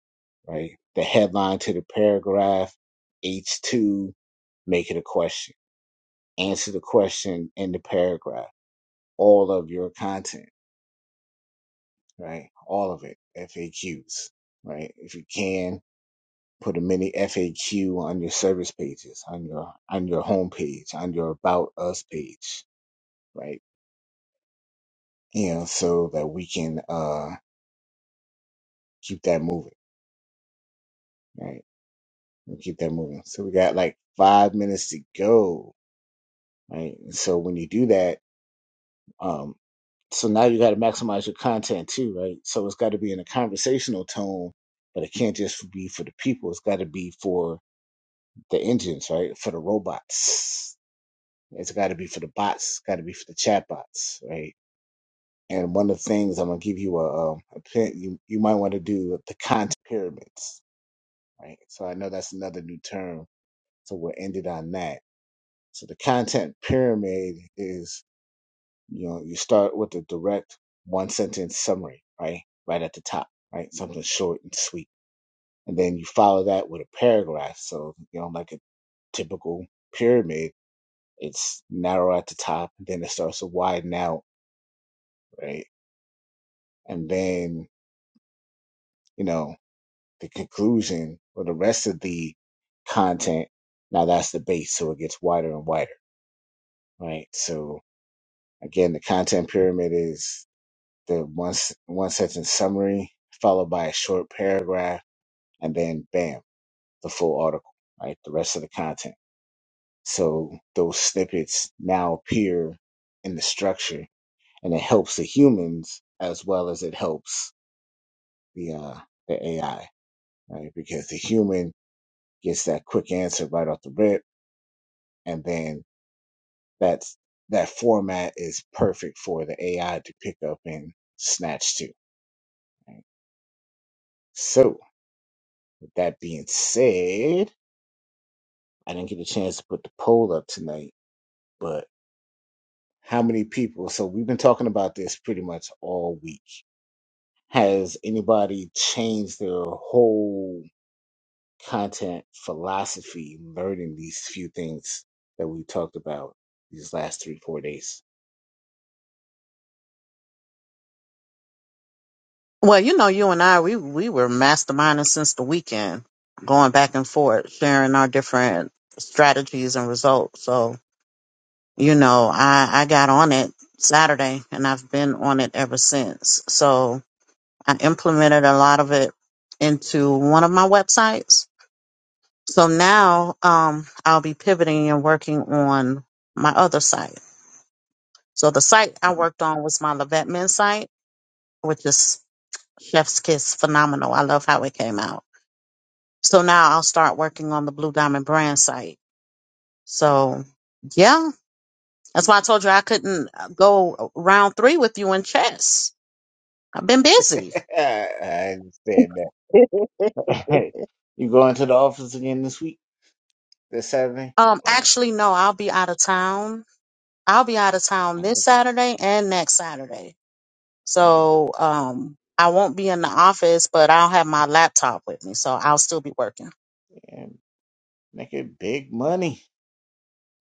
S1: right? The headline to the paragraph, H2, make it a question. Answer the question in the paragraph. All of your content, right? All of it. FAQs, right? If you can, put a mini FAQ on your service pages, on your on your home page, on your about us page, right? You know, so that we can uh keep that moving, right? We keep that moving. So we got like five minutes to go right? And so when you do that, um, so now you got to maximize your content too, right? So it's got to be in a conversational tone, but it can't just be for the people. It's got to be for the engines, right? For the robots. It's got to be for the bots. It's got to be for the chatbots, right? And one of the things I'm gonna give you a, um, a pin, you you might want to do the content pyramids, right? So I know that's another new term. So we'll end it on that. So the content pyramid is you know you start with a direct one sentence summary right right at the top right something short and sweet and then you follow that with a paragraph so you know like a typical pyramid it's narrow at the top then it starts to widen out right and then you know the conclusion or the rest of the content now that's the base so it gets wider and wider right so again the content pyramid is the one s- one sentence summary followed by a short paragraph and then bam the full article right the rest of the content so those snippets now appear in the structure and it helps the humans as well as it helps the uh the ai right because the human gets that quick answer right off the rip and then that's that format is perfect for the ai to pick up and snatch to right? so with that being said I didn't get a chance to put the poll up tonight, but how many people? So we've been talking about this pretty much all week. Has anybody changed their whole content philosophy learning these few things that we talked about these last three, four days?
S4: Well, you know, you and I, we we were masterminding since the weekend, going back and forth, sharing our different strategies and results. So, you know, I I got on it Saturday, and I've been on it ever since. So, I implemented a lot of it into one of my websites. So now, um, I'll be pivoting and working on my other site. So the site I
S1: Mhm.
S4: worked on was my Levette Men site, which is Chef's Kiss phenomenal. I love how it came out So now I'll start working on the Blue Diamond brand site. So yeah, that's why I told you I couldn't uh, go round three with you in chess. I've been busy.
S1: I understand that. you going to the office again this week, this Saturday,
S4: Um,
S1: or
S4: actually, no, I'll be out of town. I'll be out of town this Saturday and next Saturday. So, um, I won't be in the office, but I'll have my laptop with me, so I'll still be working.
S1: yeah, making big money.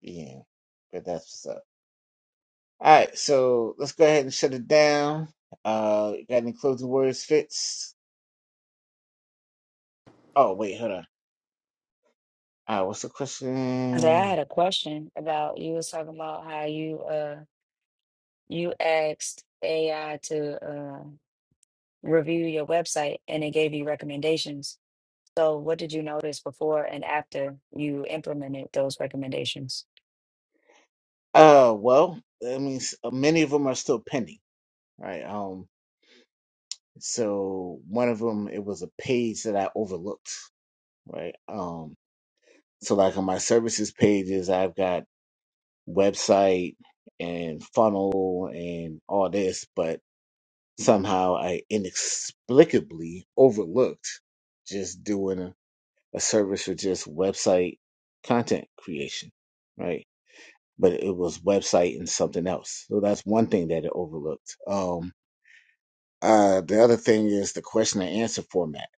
S1: Yeah, but that's what's up. All right, so let's go ahead and shut it down. Uh, you got any closing words, Fitz? Oh, wait, hold on. All right, what's the
S2: I said, I
S1: question?
S2: had a question about you was talking about how you uh you asked AI to uh review your website and it gave you recommendations. So what did you notice before and after you implemented those recommendations?
S1: Uh, well, I mean, s- uh, many of them are still pending, right? Um, so one of them, it was a page that I overlooked, right? Um, so like on my services pages, I've got website and funnel and all this, but somehow I inexplicably overlooked just doing. a service for just website content creation, right? But it was website and something else. So that's one thing that it overlooked. Um, uh, the other thing is the question and answer format,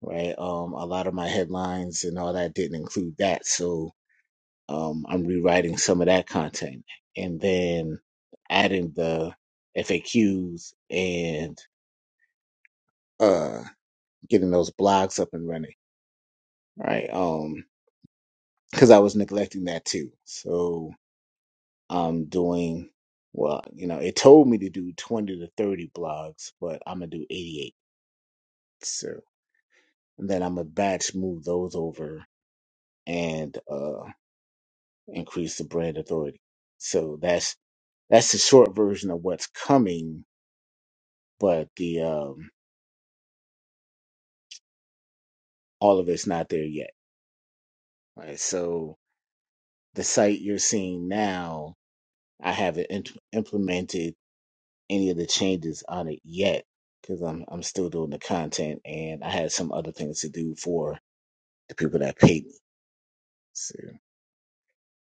S1: right? Um, a lot of my headlines and all that didn't include that. So um, I'm rewriting some of that content and then adding the FAQs and uh, getting those blogs up and running, right? Um, because I was neglecting that too. So I'm doing, well, you know, it told me to do 20 to 30 blogs, but I'm going to do 88. So and then I'm going to batch move those over and uh, increase the brand authority. So that's that's the short version of what's coming, but the um, all of it's not there yet. Right. So the site you're seeing now, I haven't int- implemented any of the changes on it yet because I'm I'm still doing the content and I had some other things to do for the people that paid me. So,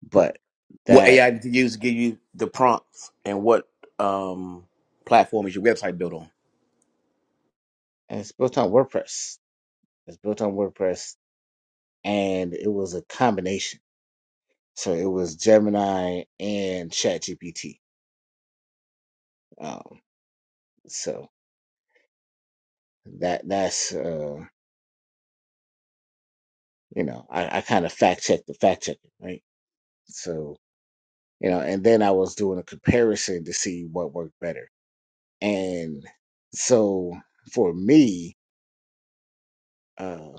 S1: but
S5: What
S1: that
S5: AI did you use to give you the prompts, and what um platform is your website built on?
S1: and it's built on WordPress. It's built on WordPress, and it was a combination. So it was Gemini and ChatGPT. Um, so that that's uh, you know I, I kind of fact checked the fact checker, right? So you know, and then I was doing a comparison to see what worked better. And so for me, uh,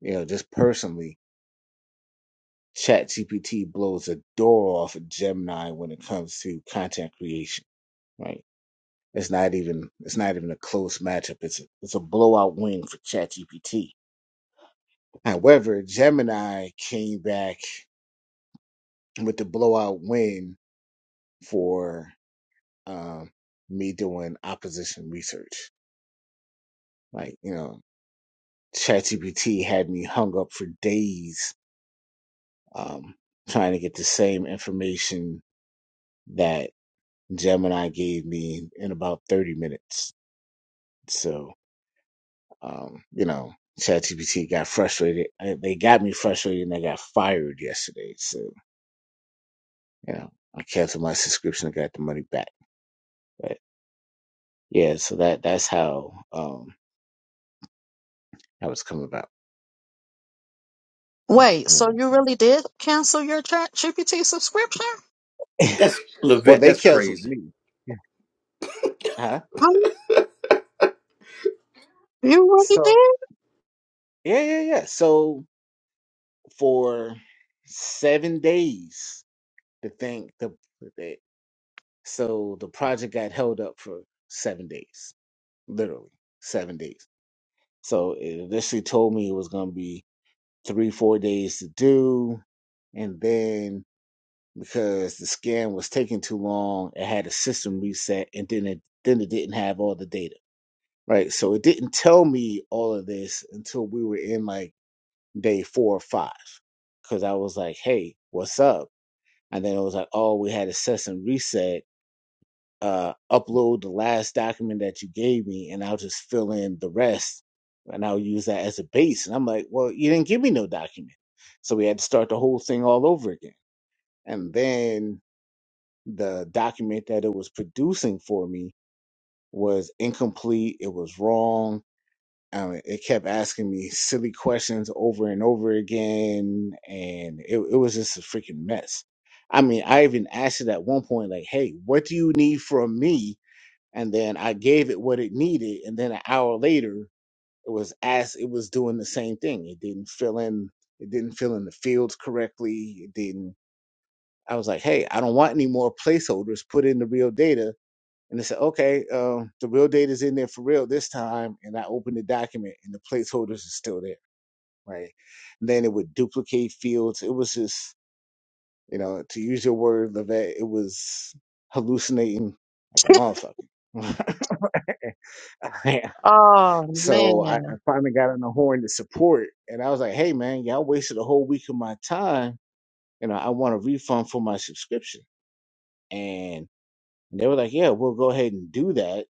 S1: you know, just personally, ChatGPT blows a door off of Gemini when it comes to content creation, right? It's not even it's not even a close matchup. It's a it's a blowout win for ChatGPT. However, Gemini came back with the blowout win for um, me doing opposition research. Like you know, ChatGPT had me hung up for days um, trying to get the same information that Gemini gave me in about thirty minutes So, um, you know, ChatGPT got frustrated. Uh, They got me frustrated and I got fired yesterday. So, you know, I canceled my subscription and got the money back. But yeah, so that that's how um that was come about. Yeah.
S4: Wait,
S1: And
S4: so you really did cancel your Chat GPT subscription?
S1: then-
S5: That's
S1: well,
S5: Levette.
S1: they
S5: That's
S1: canceled
S5: crazy.
S1: me. Yeah. Huh?
S4: Huh? You really
S1: So
S4: did?
S1: yeah, yeah, yeah. So for seven days, the thing, the, the so the project got held up for seven days, literally seven days. So it initially told me it was going to be three, four days to do. And then because the scan was taking too long, it had a system reset and then it, then it didn't have all the data. Right. So it didn't tell me all of this until we were in like day four or five. Cause I was like, Hey, what's up? And then it was like, Oh, we had a system reset uh, upload the last document that you gave me and I'll just fill in the rest and I'll use that as a base. And I'm like, well, you didn't give me no document. So we had to start the whole thing all over again. And then the document that it was producing for me was incomplete, it was wrong. Um, it kept asking me silly questions over and over again, and it, it was just a freaking mess. I mean, I even asked it at one point, like, "Hey, what do you need from me and then I gave it what it needed, and then an hour later it was as it was doing the same thing. It didn't fill in it didn't fill in the fields correctly. It didn't I was like, hey, I don't want any more placeholders. Put in the real data. And they said, okay, um, the real data is in there for real this time. And I opened the document and the placeholders are still there. Right. And then it would duplicate fields. It was just, you know, to use your word, Levette, it was hallucinating like a motherfucker.
S4: Oh
S1: So I,
S4: man.
S1: I finally got on the horn to support, and I was like, "Hey, man, y'all wasted a whole week of my time, and I, I want a refund for my subscription." And they were like, "Yeah, we'll go ahead and do that,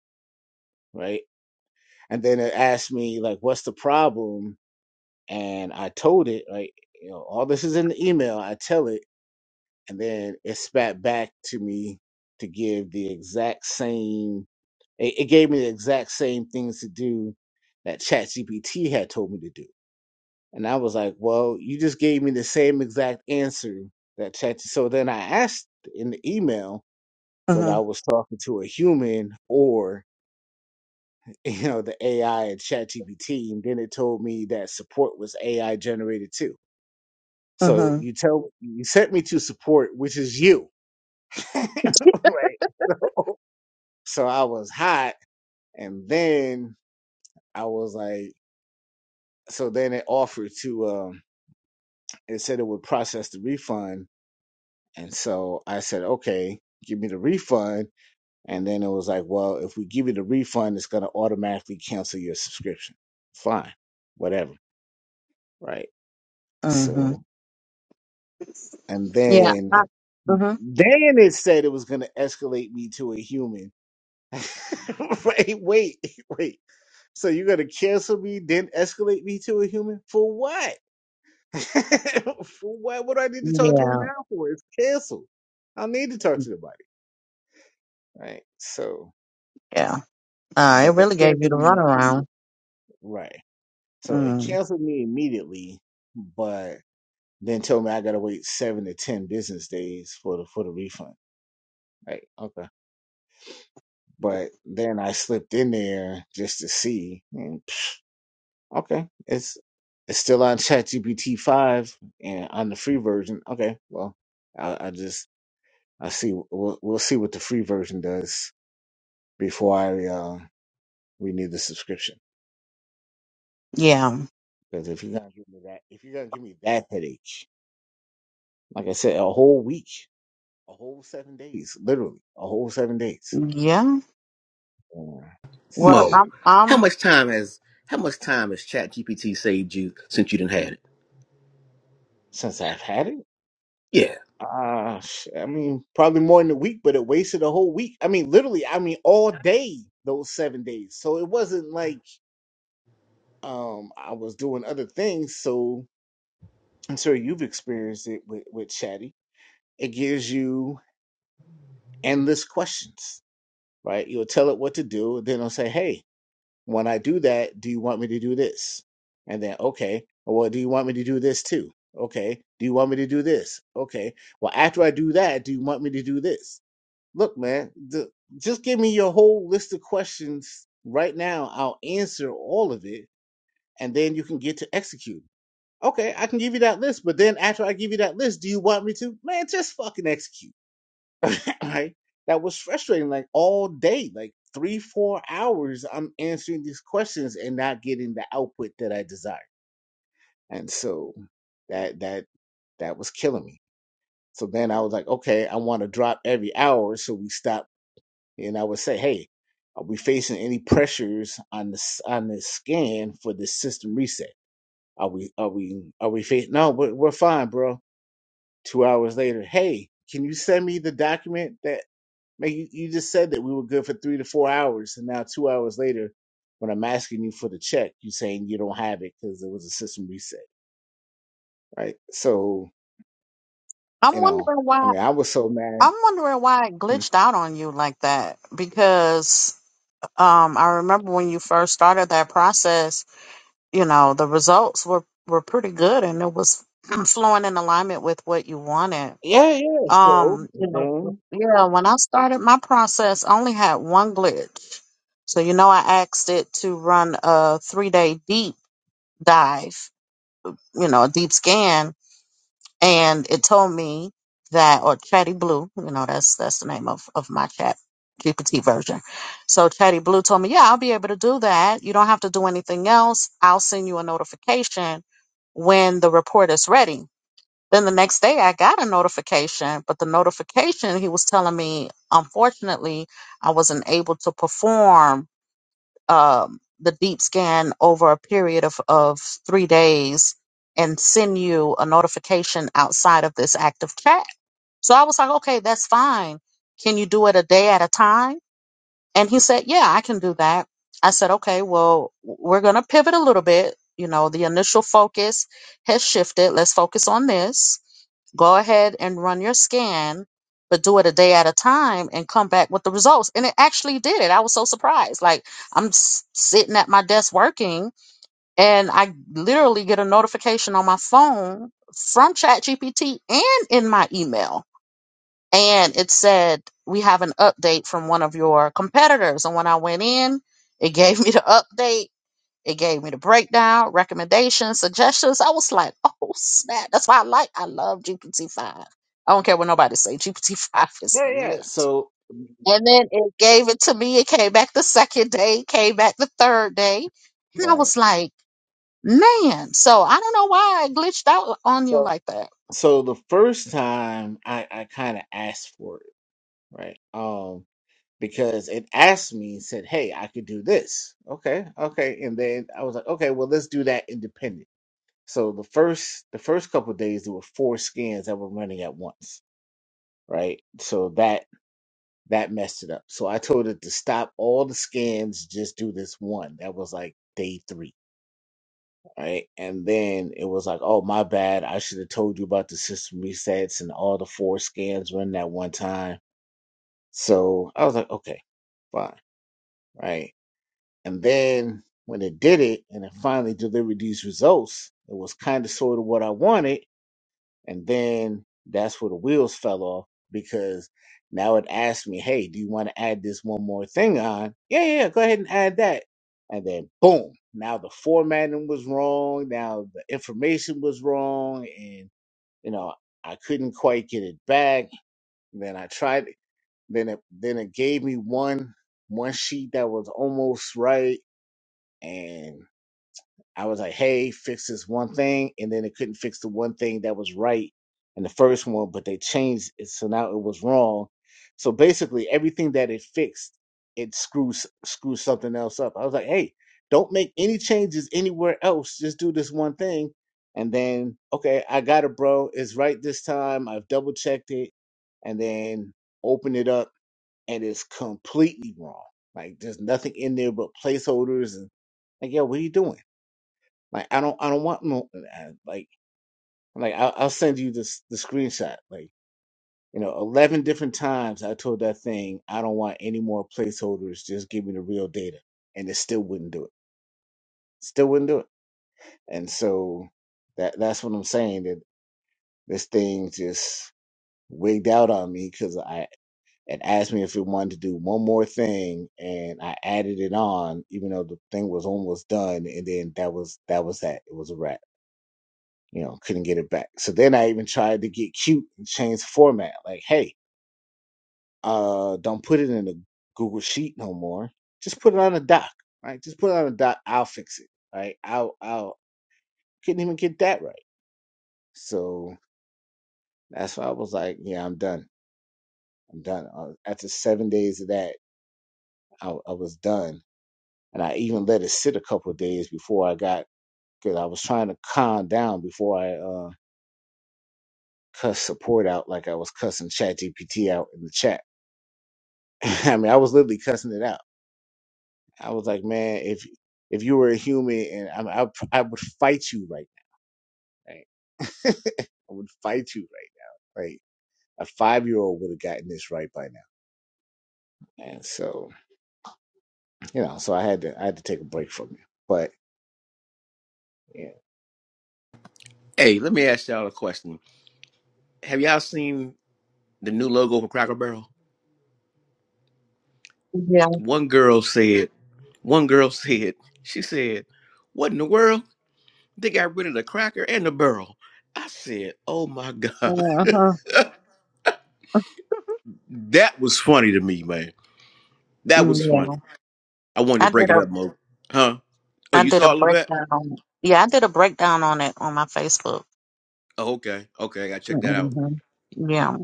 S1: right?" And then it asked me like, "What's the problem?" And I told it, like, you know, all this is in the email. I tell it, and then it spat back to me to give the exact same. It, it gave me the exact same things to do that ChatGPT had told me to do And I was like, well, you just gave me the same exact answer that chat. So then I asked in the email whether I was talking to a human or, you know, the AI at ChatGPT. And then it told me that support was AI generated too. So
S4: Uh-huh.
S1: you tell you sent me to support, which is you. right. So, so I was hot. And then I was like, so then it offered to um it said it would process the refund And so I said, okay, give me the refund. And then it was like, well, if we give you the refund, it's going to automatically cancel your subscription. Fine, whatever. Right.
S4: Uh-huh.
S1: So, and
S4: Yeah. I-
S1: then,
S4: Uh-huh.
S1: then it said it was going to escalate me to a human. right. Wait, wait. So you're going to cancel me, then escalate me to a human? For what? for what? What do I need to talk to him
S4: Yeah.
S1: now for? It's canceled. I don't need to talk to nobody. Right. So,
S4: Yeah. Uh, it
S1: but they
S4: really gave you
S1: canceled
S4: the
S1: me.
S4: runaround.
S1: Right. So it
S4: Mm.
S1: canceled me immediately, but then told me I gotta wait seven to ten business days for the for the refund. Like, okay. But then I slipped in there just to see. And psh, okay. It's it's still on ChatGPT five and on the free version. Okay, well, I, I just I see we'll, we'll see what the free version does before I uh, renew the subscription.
S4: Yeah.
S1: Because if you're gonna give me that, if you're gonna give me that headache, Like I said, a whole week, a whole seven days, literally, a whole seven days.
S4: Yeah.
S1: Uh,
S4: Well,
S5: Mo,
S1: so
S4: I'm
S5: how
S4: I'm
S5: much time has how much time has ChatGPT saved you since you didn't had it?
S1: since I've had it,
S5: Yeah.
S1: uh, sh- I mean, probably more than a week, but it wasted a whole week. I mean, literally, I mean, all day those seven days. So it wasn't like um I was doing other things. So I'm sure you've experienced it with, with Chatty. It gives you endless questions, right? You'll tell it what to do, and then it'll say, hey, When I do that, do you want me to do this? And then, okay, well, do you want me to do this too? Okay, do you want me to do this? Okay, well, after I do that, do you want me to do this? Look, man, the, just give me your whole list of questions right now. I'll answer all of it, and then you can get to execute. Okay, I can give you that list, but then after I give you that list, do you want me to? Man, just fucking execute. right? That was frustrating, like all day, like three, four hours. I'm answering these questions and not getting the output that I desire, and so that that that was killing me. So then I was like, okay, I want to drop every hour, so we stop. And I would say, hey, are we facing any pressures on this on this scan for this system reset? Are we are we are we facing? No, we're, we're fine, bro. Two hours later, hey, can you send me the document that? Man, you, you just said that we were good for three to four hours, and now two hours later, when I'm asking you for the check, you saying you don't have it because there was a system reset, right? So you
S4: I'm
S1: know,
S4: wondering
S1: I
S4: why
S1: mean, I was so mad.
S4: I'm wondering why it
S1: Hmm.
S4: glitched out on you like that because um I remember when you first started that process, you know, the results were were pretty good and it was flowing in alignment with what you wanted.
S1: Yeah, yeah. So
S4: Um, you know,
S1: then,
S4: yeah, when I started my process, I only had one glitch. So, you know, I asked it to run a three day deep dive, you know, a deep scan, and it told me that, or Chatty Blue, you know, that's that's the name of, of my chat GPT version. So Chatty Blue told me, Yeah, I'll be able to do that. You don't have to do anything else. I'll send you a notification when the report is ready. Then the next day I got a notification, but the notification he was telling me, unfortunately, I wasn't able to perform um, the deep scan over a period of, of three days and send you a notification outside of this active chat. So I was like, okay, that's fine. Can you do it a day at a time? And he said, yeah, I can do that. I said, okay, well, we're going to pivot a little bit. You know, the initial focus has shifted. Let's focus on this Go ahead and run your scan, but do it a day at a time and come back with the results. And it actually did it. I was so surprised. Like I'm s- sitting at my desk working and I literally get a notification on my phone from ChatGPT and in my email. And it said, we have an update from one of your competitors. And when I went in, it gave me the update it gave me the breakdown, recommendations, suggestions. I was like, oh snap. That's why I like I love GPT-5. I don't care what nobody say. GPT-5 is
S1: yeah, yeah.
S4: lit.
S1: So
S4: And then it gave it to me. It came back the second day, came back the third day. And I
S1: right.
S4: was like, man. So I don't know why I glitched out on you
S1: So
S4: like that.
S1: so the first time I I kind of asked for it, right? Um, because it asked me and said, "Hey, I could do this." Okay, okay, and then I was like, "Okay, well, let's do that independent." So the first the first couple days there were four scans that were running at once, right? So that that messed it up. So I told it to stop all the scans, just do this one. That was like day three, right? And then it was like, oh my bad, I should have told you about the system resets and all the four scans running at one time. So I was like, okay, fine, right? And then when it did it and it finally delivered these results, it was kind of sort of what I wanted And then that's where the wheels fell off because now it asked me, hey, do you want to add this one more thing on? Yeah, yeah, yeah, go ahead and add that. And then boom, now the formatting was wrong. Now the information was wrong. And, you know, I couldn't quite get it back. Then I tried, then it, then it gave me one, one sheet that was almost right. And I was like, hey, fix this one thing. And then it couldn't fix the one thing that was right in the first one, but they changed it. So now it was wrong. So basically, everything that it fixed, it screws, screws something else up. I was like, hey, don't make any changes anywhere else. Just do this one thing. And then, okay, I got it, bro. It's right this time. I've double checked it. And then open it up, and it's completely wrong. Like, there's nothing in there but placeholders. And like, yo, what are you doing? Like I don't I don't want no uh, uh, like like I'll, I'll send you this the screenshot. Like you know, eleven different times I told that thing I don't want any more placeholders. Just give me the real data, and it still wouldn't do it. Still wouldn't do it. And so that that's what I'm saying that this thing just wigged out on me because I it asked me if it wanted to do one more thing, and I added it on even though the thing was almost done, and then that was that was that. It was a wrap you know, couldn't get it back. So then I even tried to get cute and change the format. Like, hey, uh, don't put it in a Google Sheet no more. Just put it on a doc. Right? Just put it on a doc. I'll fix it. Right? I'll I'll couldn't even get that right. So that's why I was like, yeah, I'm done. I'm done. Uh, after seven days of that, I, I was done. And I even let it sit a couple of days before I got because I was trying to calm down before I uh, cuss support out like I was cussing ChatGPT out in the chat I mean, I was literally cussing it out. I was like, man, if if you were a human, and I, I, I would fight you right now. Right? I would fight you right. Like a five year old would have gotten this right by now. And so, you know, so I had to I had to take a break from it. But yeah,
S5: Hey, let me ask y'all a question. Have y'all seen the new logo for Cracker Barrel?
S4: Yeah.
S5: One girl said, one girl said, she said, what in the world? They got rid of the cracker and the barrel. I said, oh my God.
S4: Uh-huh.
S5: that was funny to me, man. That was funny.
S4: Yeah.
S5: I wanted to
S4: I
S5: break
S4: did
S5: it
S4: a
S5: up, Mo. Huh? Oh,
S4: I
S5: you
S4: did a
S5: saw all of that?
S4: breakdown on it. Yeah, I did a breakdown on it on my Facebook.
S5: Oh, okay. Okay, I gotta check that out.
S4: hmm Yeah.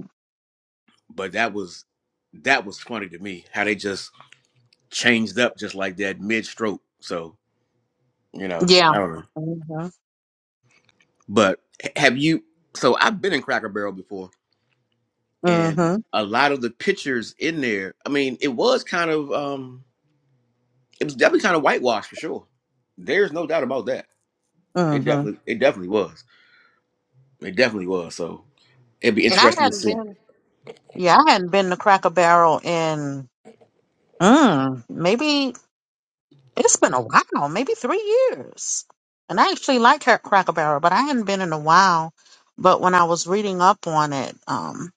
S5: But that was that was funny to me, how they just changed up just like that mid stroke. So, you know,
S4: Yeah.
S5: I don't know. But h- have you so I've been in Cracker Barrel before. and
S4: Mm-hmm.
S5: a lot of the pictures in there i mean it was kind of um it was definitely kind of whitewashed for sure there's no doubt about that it
S4: hmm And
S5: definitely it definitely was it definitely was so it'd be
S4: I
S5: interesting to
S4: hadn't
S5: see
S4: been, yeah, I hadn't been to Cracker Barrel in, mm, maybe it's been a while, maybe three years. And I actually like Cra- Cracker Barrel, but I hadn't been in a while. But when I was reading up on it, um,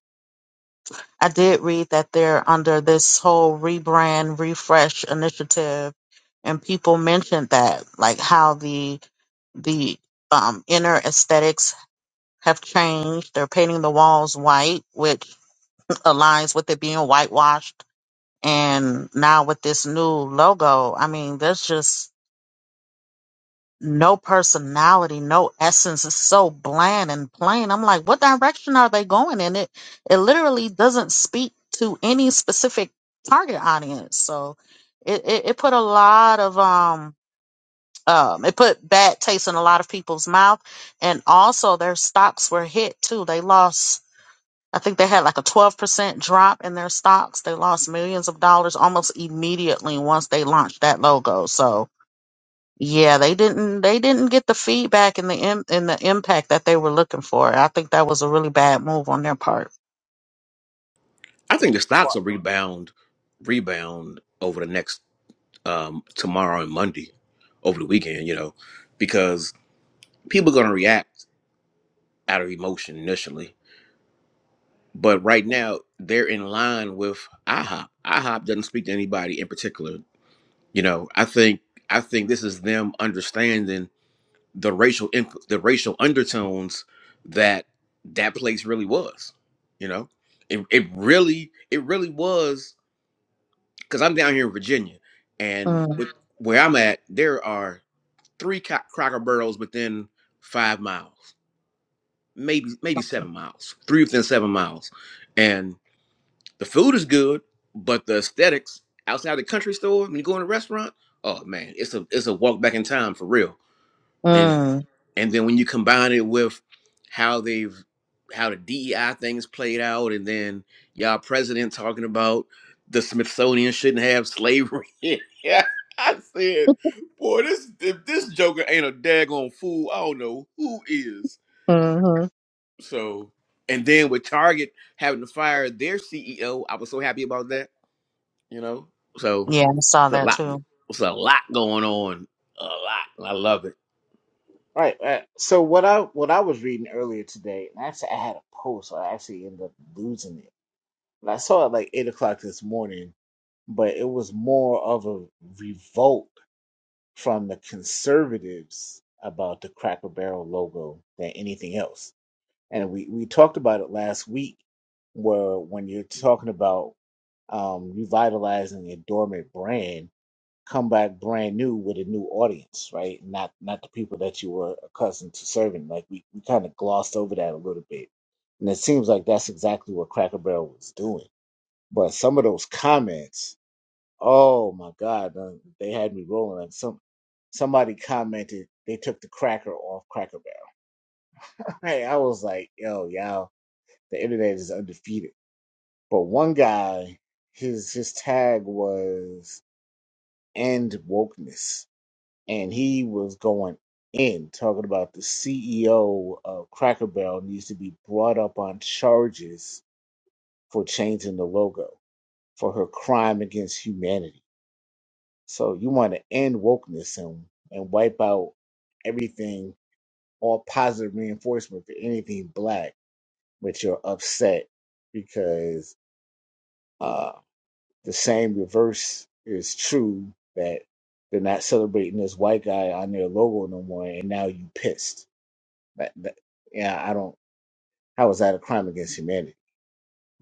S4: I did read that they're under this whole rebrand, refresh initiative, and people mentioned that, like how the the um, inner aesthetics have changed. They're painting the walls white, which aligns with it being whitewashed. And now with this new logo, I mean, there's just no personality, no essence. It's so bland and plain. I'm like, what direction are they going in? It it literally doesn't speak to any specific target audience. So it, it, it put a lot of um um it put bad taste in a lot of people's mouth and also their stocks were hit too. They lost I think they had like a 12% drop in their stocks. They lost millions of dollars almost immediately once they launched that logo. So, yeah, they didn't they didn't get the feedback and the im- and the impact that they were looking for. I think that was a really bad move on their part.
S5: i think the stocks
S1: well,
S5: will rebound rebound over the next um tomorrow and monday over the weekend you know because people are going to react out of emotion initially but right now they're in line with ihop ihop doesn't speak to anybody in particular You know, I think I think this is them understanding the racial inf- the racial undertones that that place really was. You know, it it really it really was because I'm down here in Virginia, and
S4: Mm.
S5: with, where I'm at, there are three co- Cracker Barrels within five miles, maybe maybe seven miles, three within seven miles, the food is good, but the aesthetics outside the country store when you go in a restaurant, oh man, it's a it's a walk back in time for real. And Mhm.
S4: Mm.
S5: and then when you combine it with how they've how the DEI things played out, and then y'all president talking about the Smithsonian shouldn't have slavery. yeah, I said, boy, this if this Joker ain't a daggone fool, I don't know who is.
S4: hmm
S5: So, and then with Target having to fire their CEO, I was so happy about that you know, so
S4: Yeah, I saw
S5: it's a
S4: that
S5: lot.
S4: too.
S5: It's a lot going on. A lot. And I love it.
S1: all right. all right. So what I what I was reading earlier today, and actually I had a post, so I actually ended up losing it. But I saw it like eight o'clock this morning, but it was more of a revolt from the conservatives about the Cracker Barrel logo than anything else. And we, we talked about it last week, where when you're talking about um, revitalizing a dormant brand, come back brand new with a new audience, right? Not not the people that you were accustomed to serving. Like we, we kind of glossed over that a little bit. And it seems like that's exactly what Cracker Barrel was doing. But some of those comments Oh my God, uh, they had me rolling. Like some somebody commented they took the cracker off Cracker Barrel. Hey, I was like, yo, y'all, the internet is undefeated. But one guy, his his tag was end wokeness, and he was going in talking about the CEO of Cracker Barrel needs to be brought up on charges for changing the logo for her crime against humanity So you want to end wokeness and, and wipe out everything, all positive reinforcement for anything black, but you're upset because uh, the same reverse is true that they're not celebrating this white guy on their logo no more, and now you pissed. That, that, yeah, I don't. How is that a crime against humanity,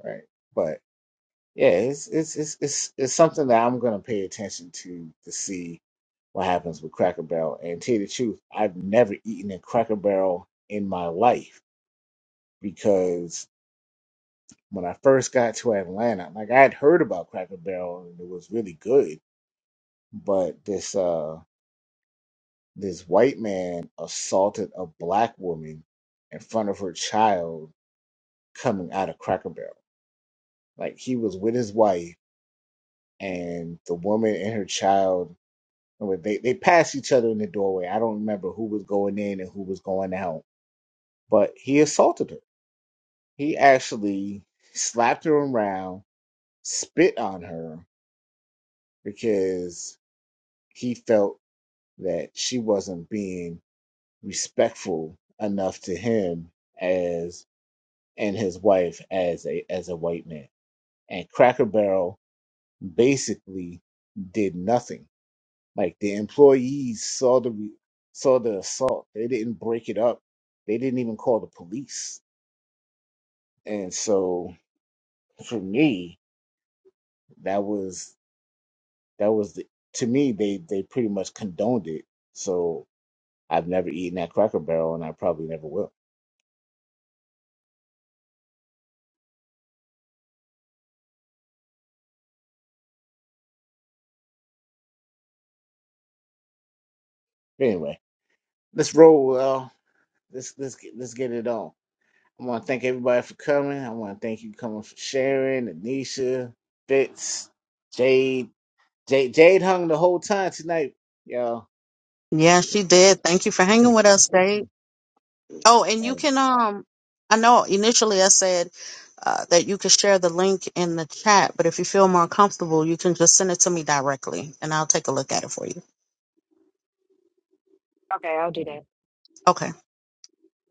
S1: right? But yeah, it's it's it's it's, it's something that I'm gonna pay attention to to see what happens with Cracker Barrel. And tell you the truth, I've never eaten at Cracker Barrel in my life because when I first got to Atlanta, like I had heard about Cracker Barrel and it was really good, but this uh this white man assaulted a black woman in front of her child coming out of Cracker Barrel. Like he was with his wife and the woman and her child I mean, they they passed each other in the doorway. I don't remember who was going in and who was going out, but he assaulted her He actually slapped her around, spit on her because he felt that she wasn't being respectful enough to him as and his wife as a as a white man. And Cracker Barrel basically did nothing. Like the employees saw the saw the assault. They didn't break it up. They didn't even call the police. And so for me, that was That was the, to me they they pretty much condoned it. So I've never eaten at Cracker Barrel, and I probably never will. But anyway, let's roll. Well, let's let's get, let's get it on. I want to thank everybody for coming. I want to thank you coming for sharing, Anisha, Fitz, Jade. Jade, Jade hung the whole time tonight, y'all.
S4: Yeah,
S1: Yeah.
S4: she did. Thank you for hanging with us, Dave. Oh, and you
S1: Right.
S4: can um I know initially I said uh, that you could share the link in the chat, but if you feel more comfortable, you can just send it to me directly and I'll take a look at it for you.
S2: Okay, I'll do that.
S1: All
S4: Okay.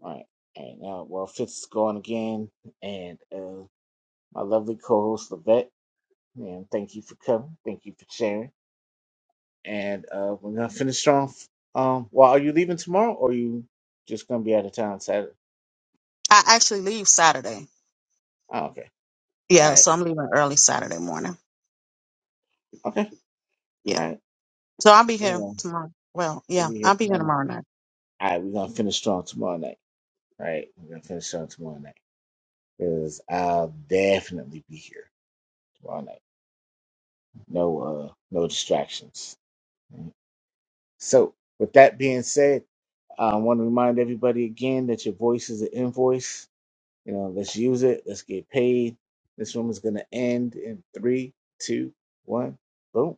S1: right. And uh, well, Fitz is gone again, and uh, my lovely co-host Levette. And thank you for coming. Thank you for sharing. and uh, we're gonna finish strong. Um, well, are you leaving tomorrow, or you just gonna be out of town Saturday?
S4: I actually leave Saturday.
S1: Oh, okay, all
S4: Yeah,
S1: right,
S4: so I'm leaving early Saturday morning.
S1: okay,
S4: Yeah.
S1: all right.
S4: So I'll be
S1: You
S4: here
S1: know,
S4: tomorrow. Well,
S1: you'll
S4: yeah,
S1: be here
S4: I'll be here
S1: tomorrow. Night.
S4: tomorrow night.
S1: All right, we're gonna finish strong tomorrow night. All right, we're gonna finish strong tomorrow night because I'll definitely be here tomorrow night. No, uh, no distractions. All right. So, with that being said, I want to remind everybody again that your voice is an invoice You know, let's use it. Let's get paid. This room is going to end in three, two, one. Boom.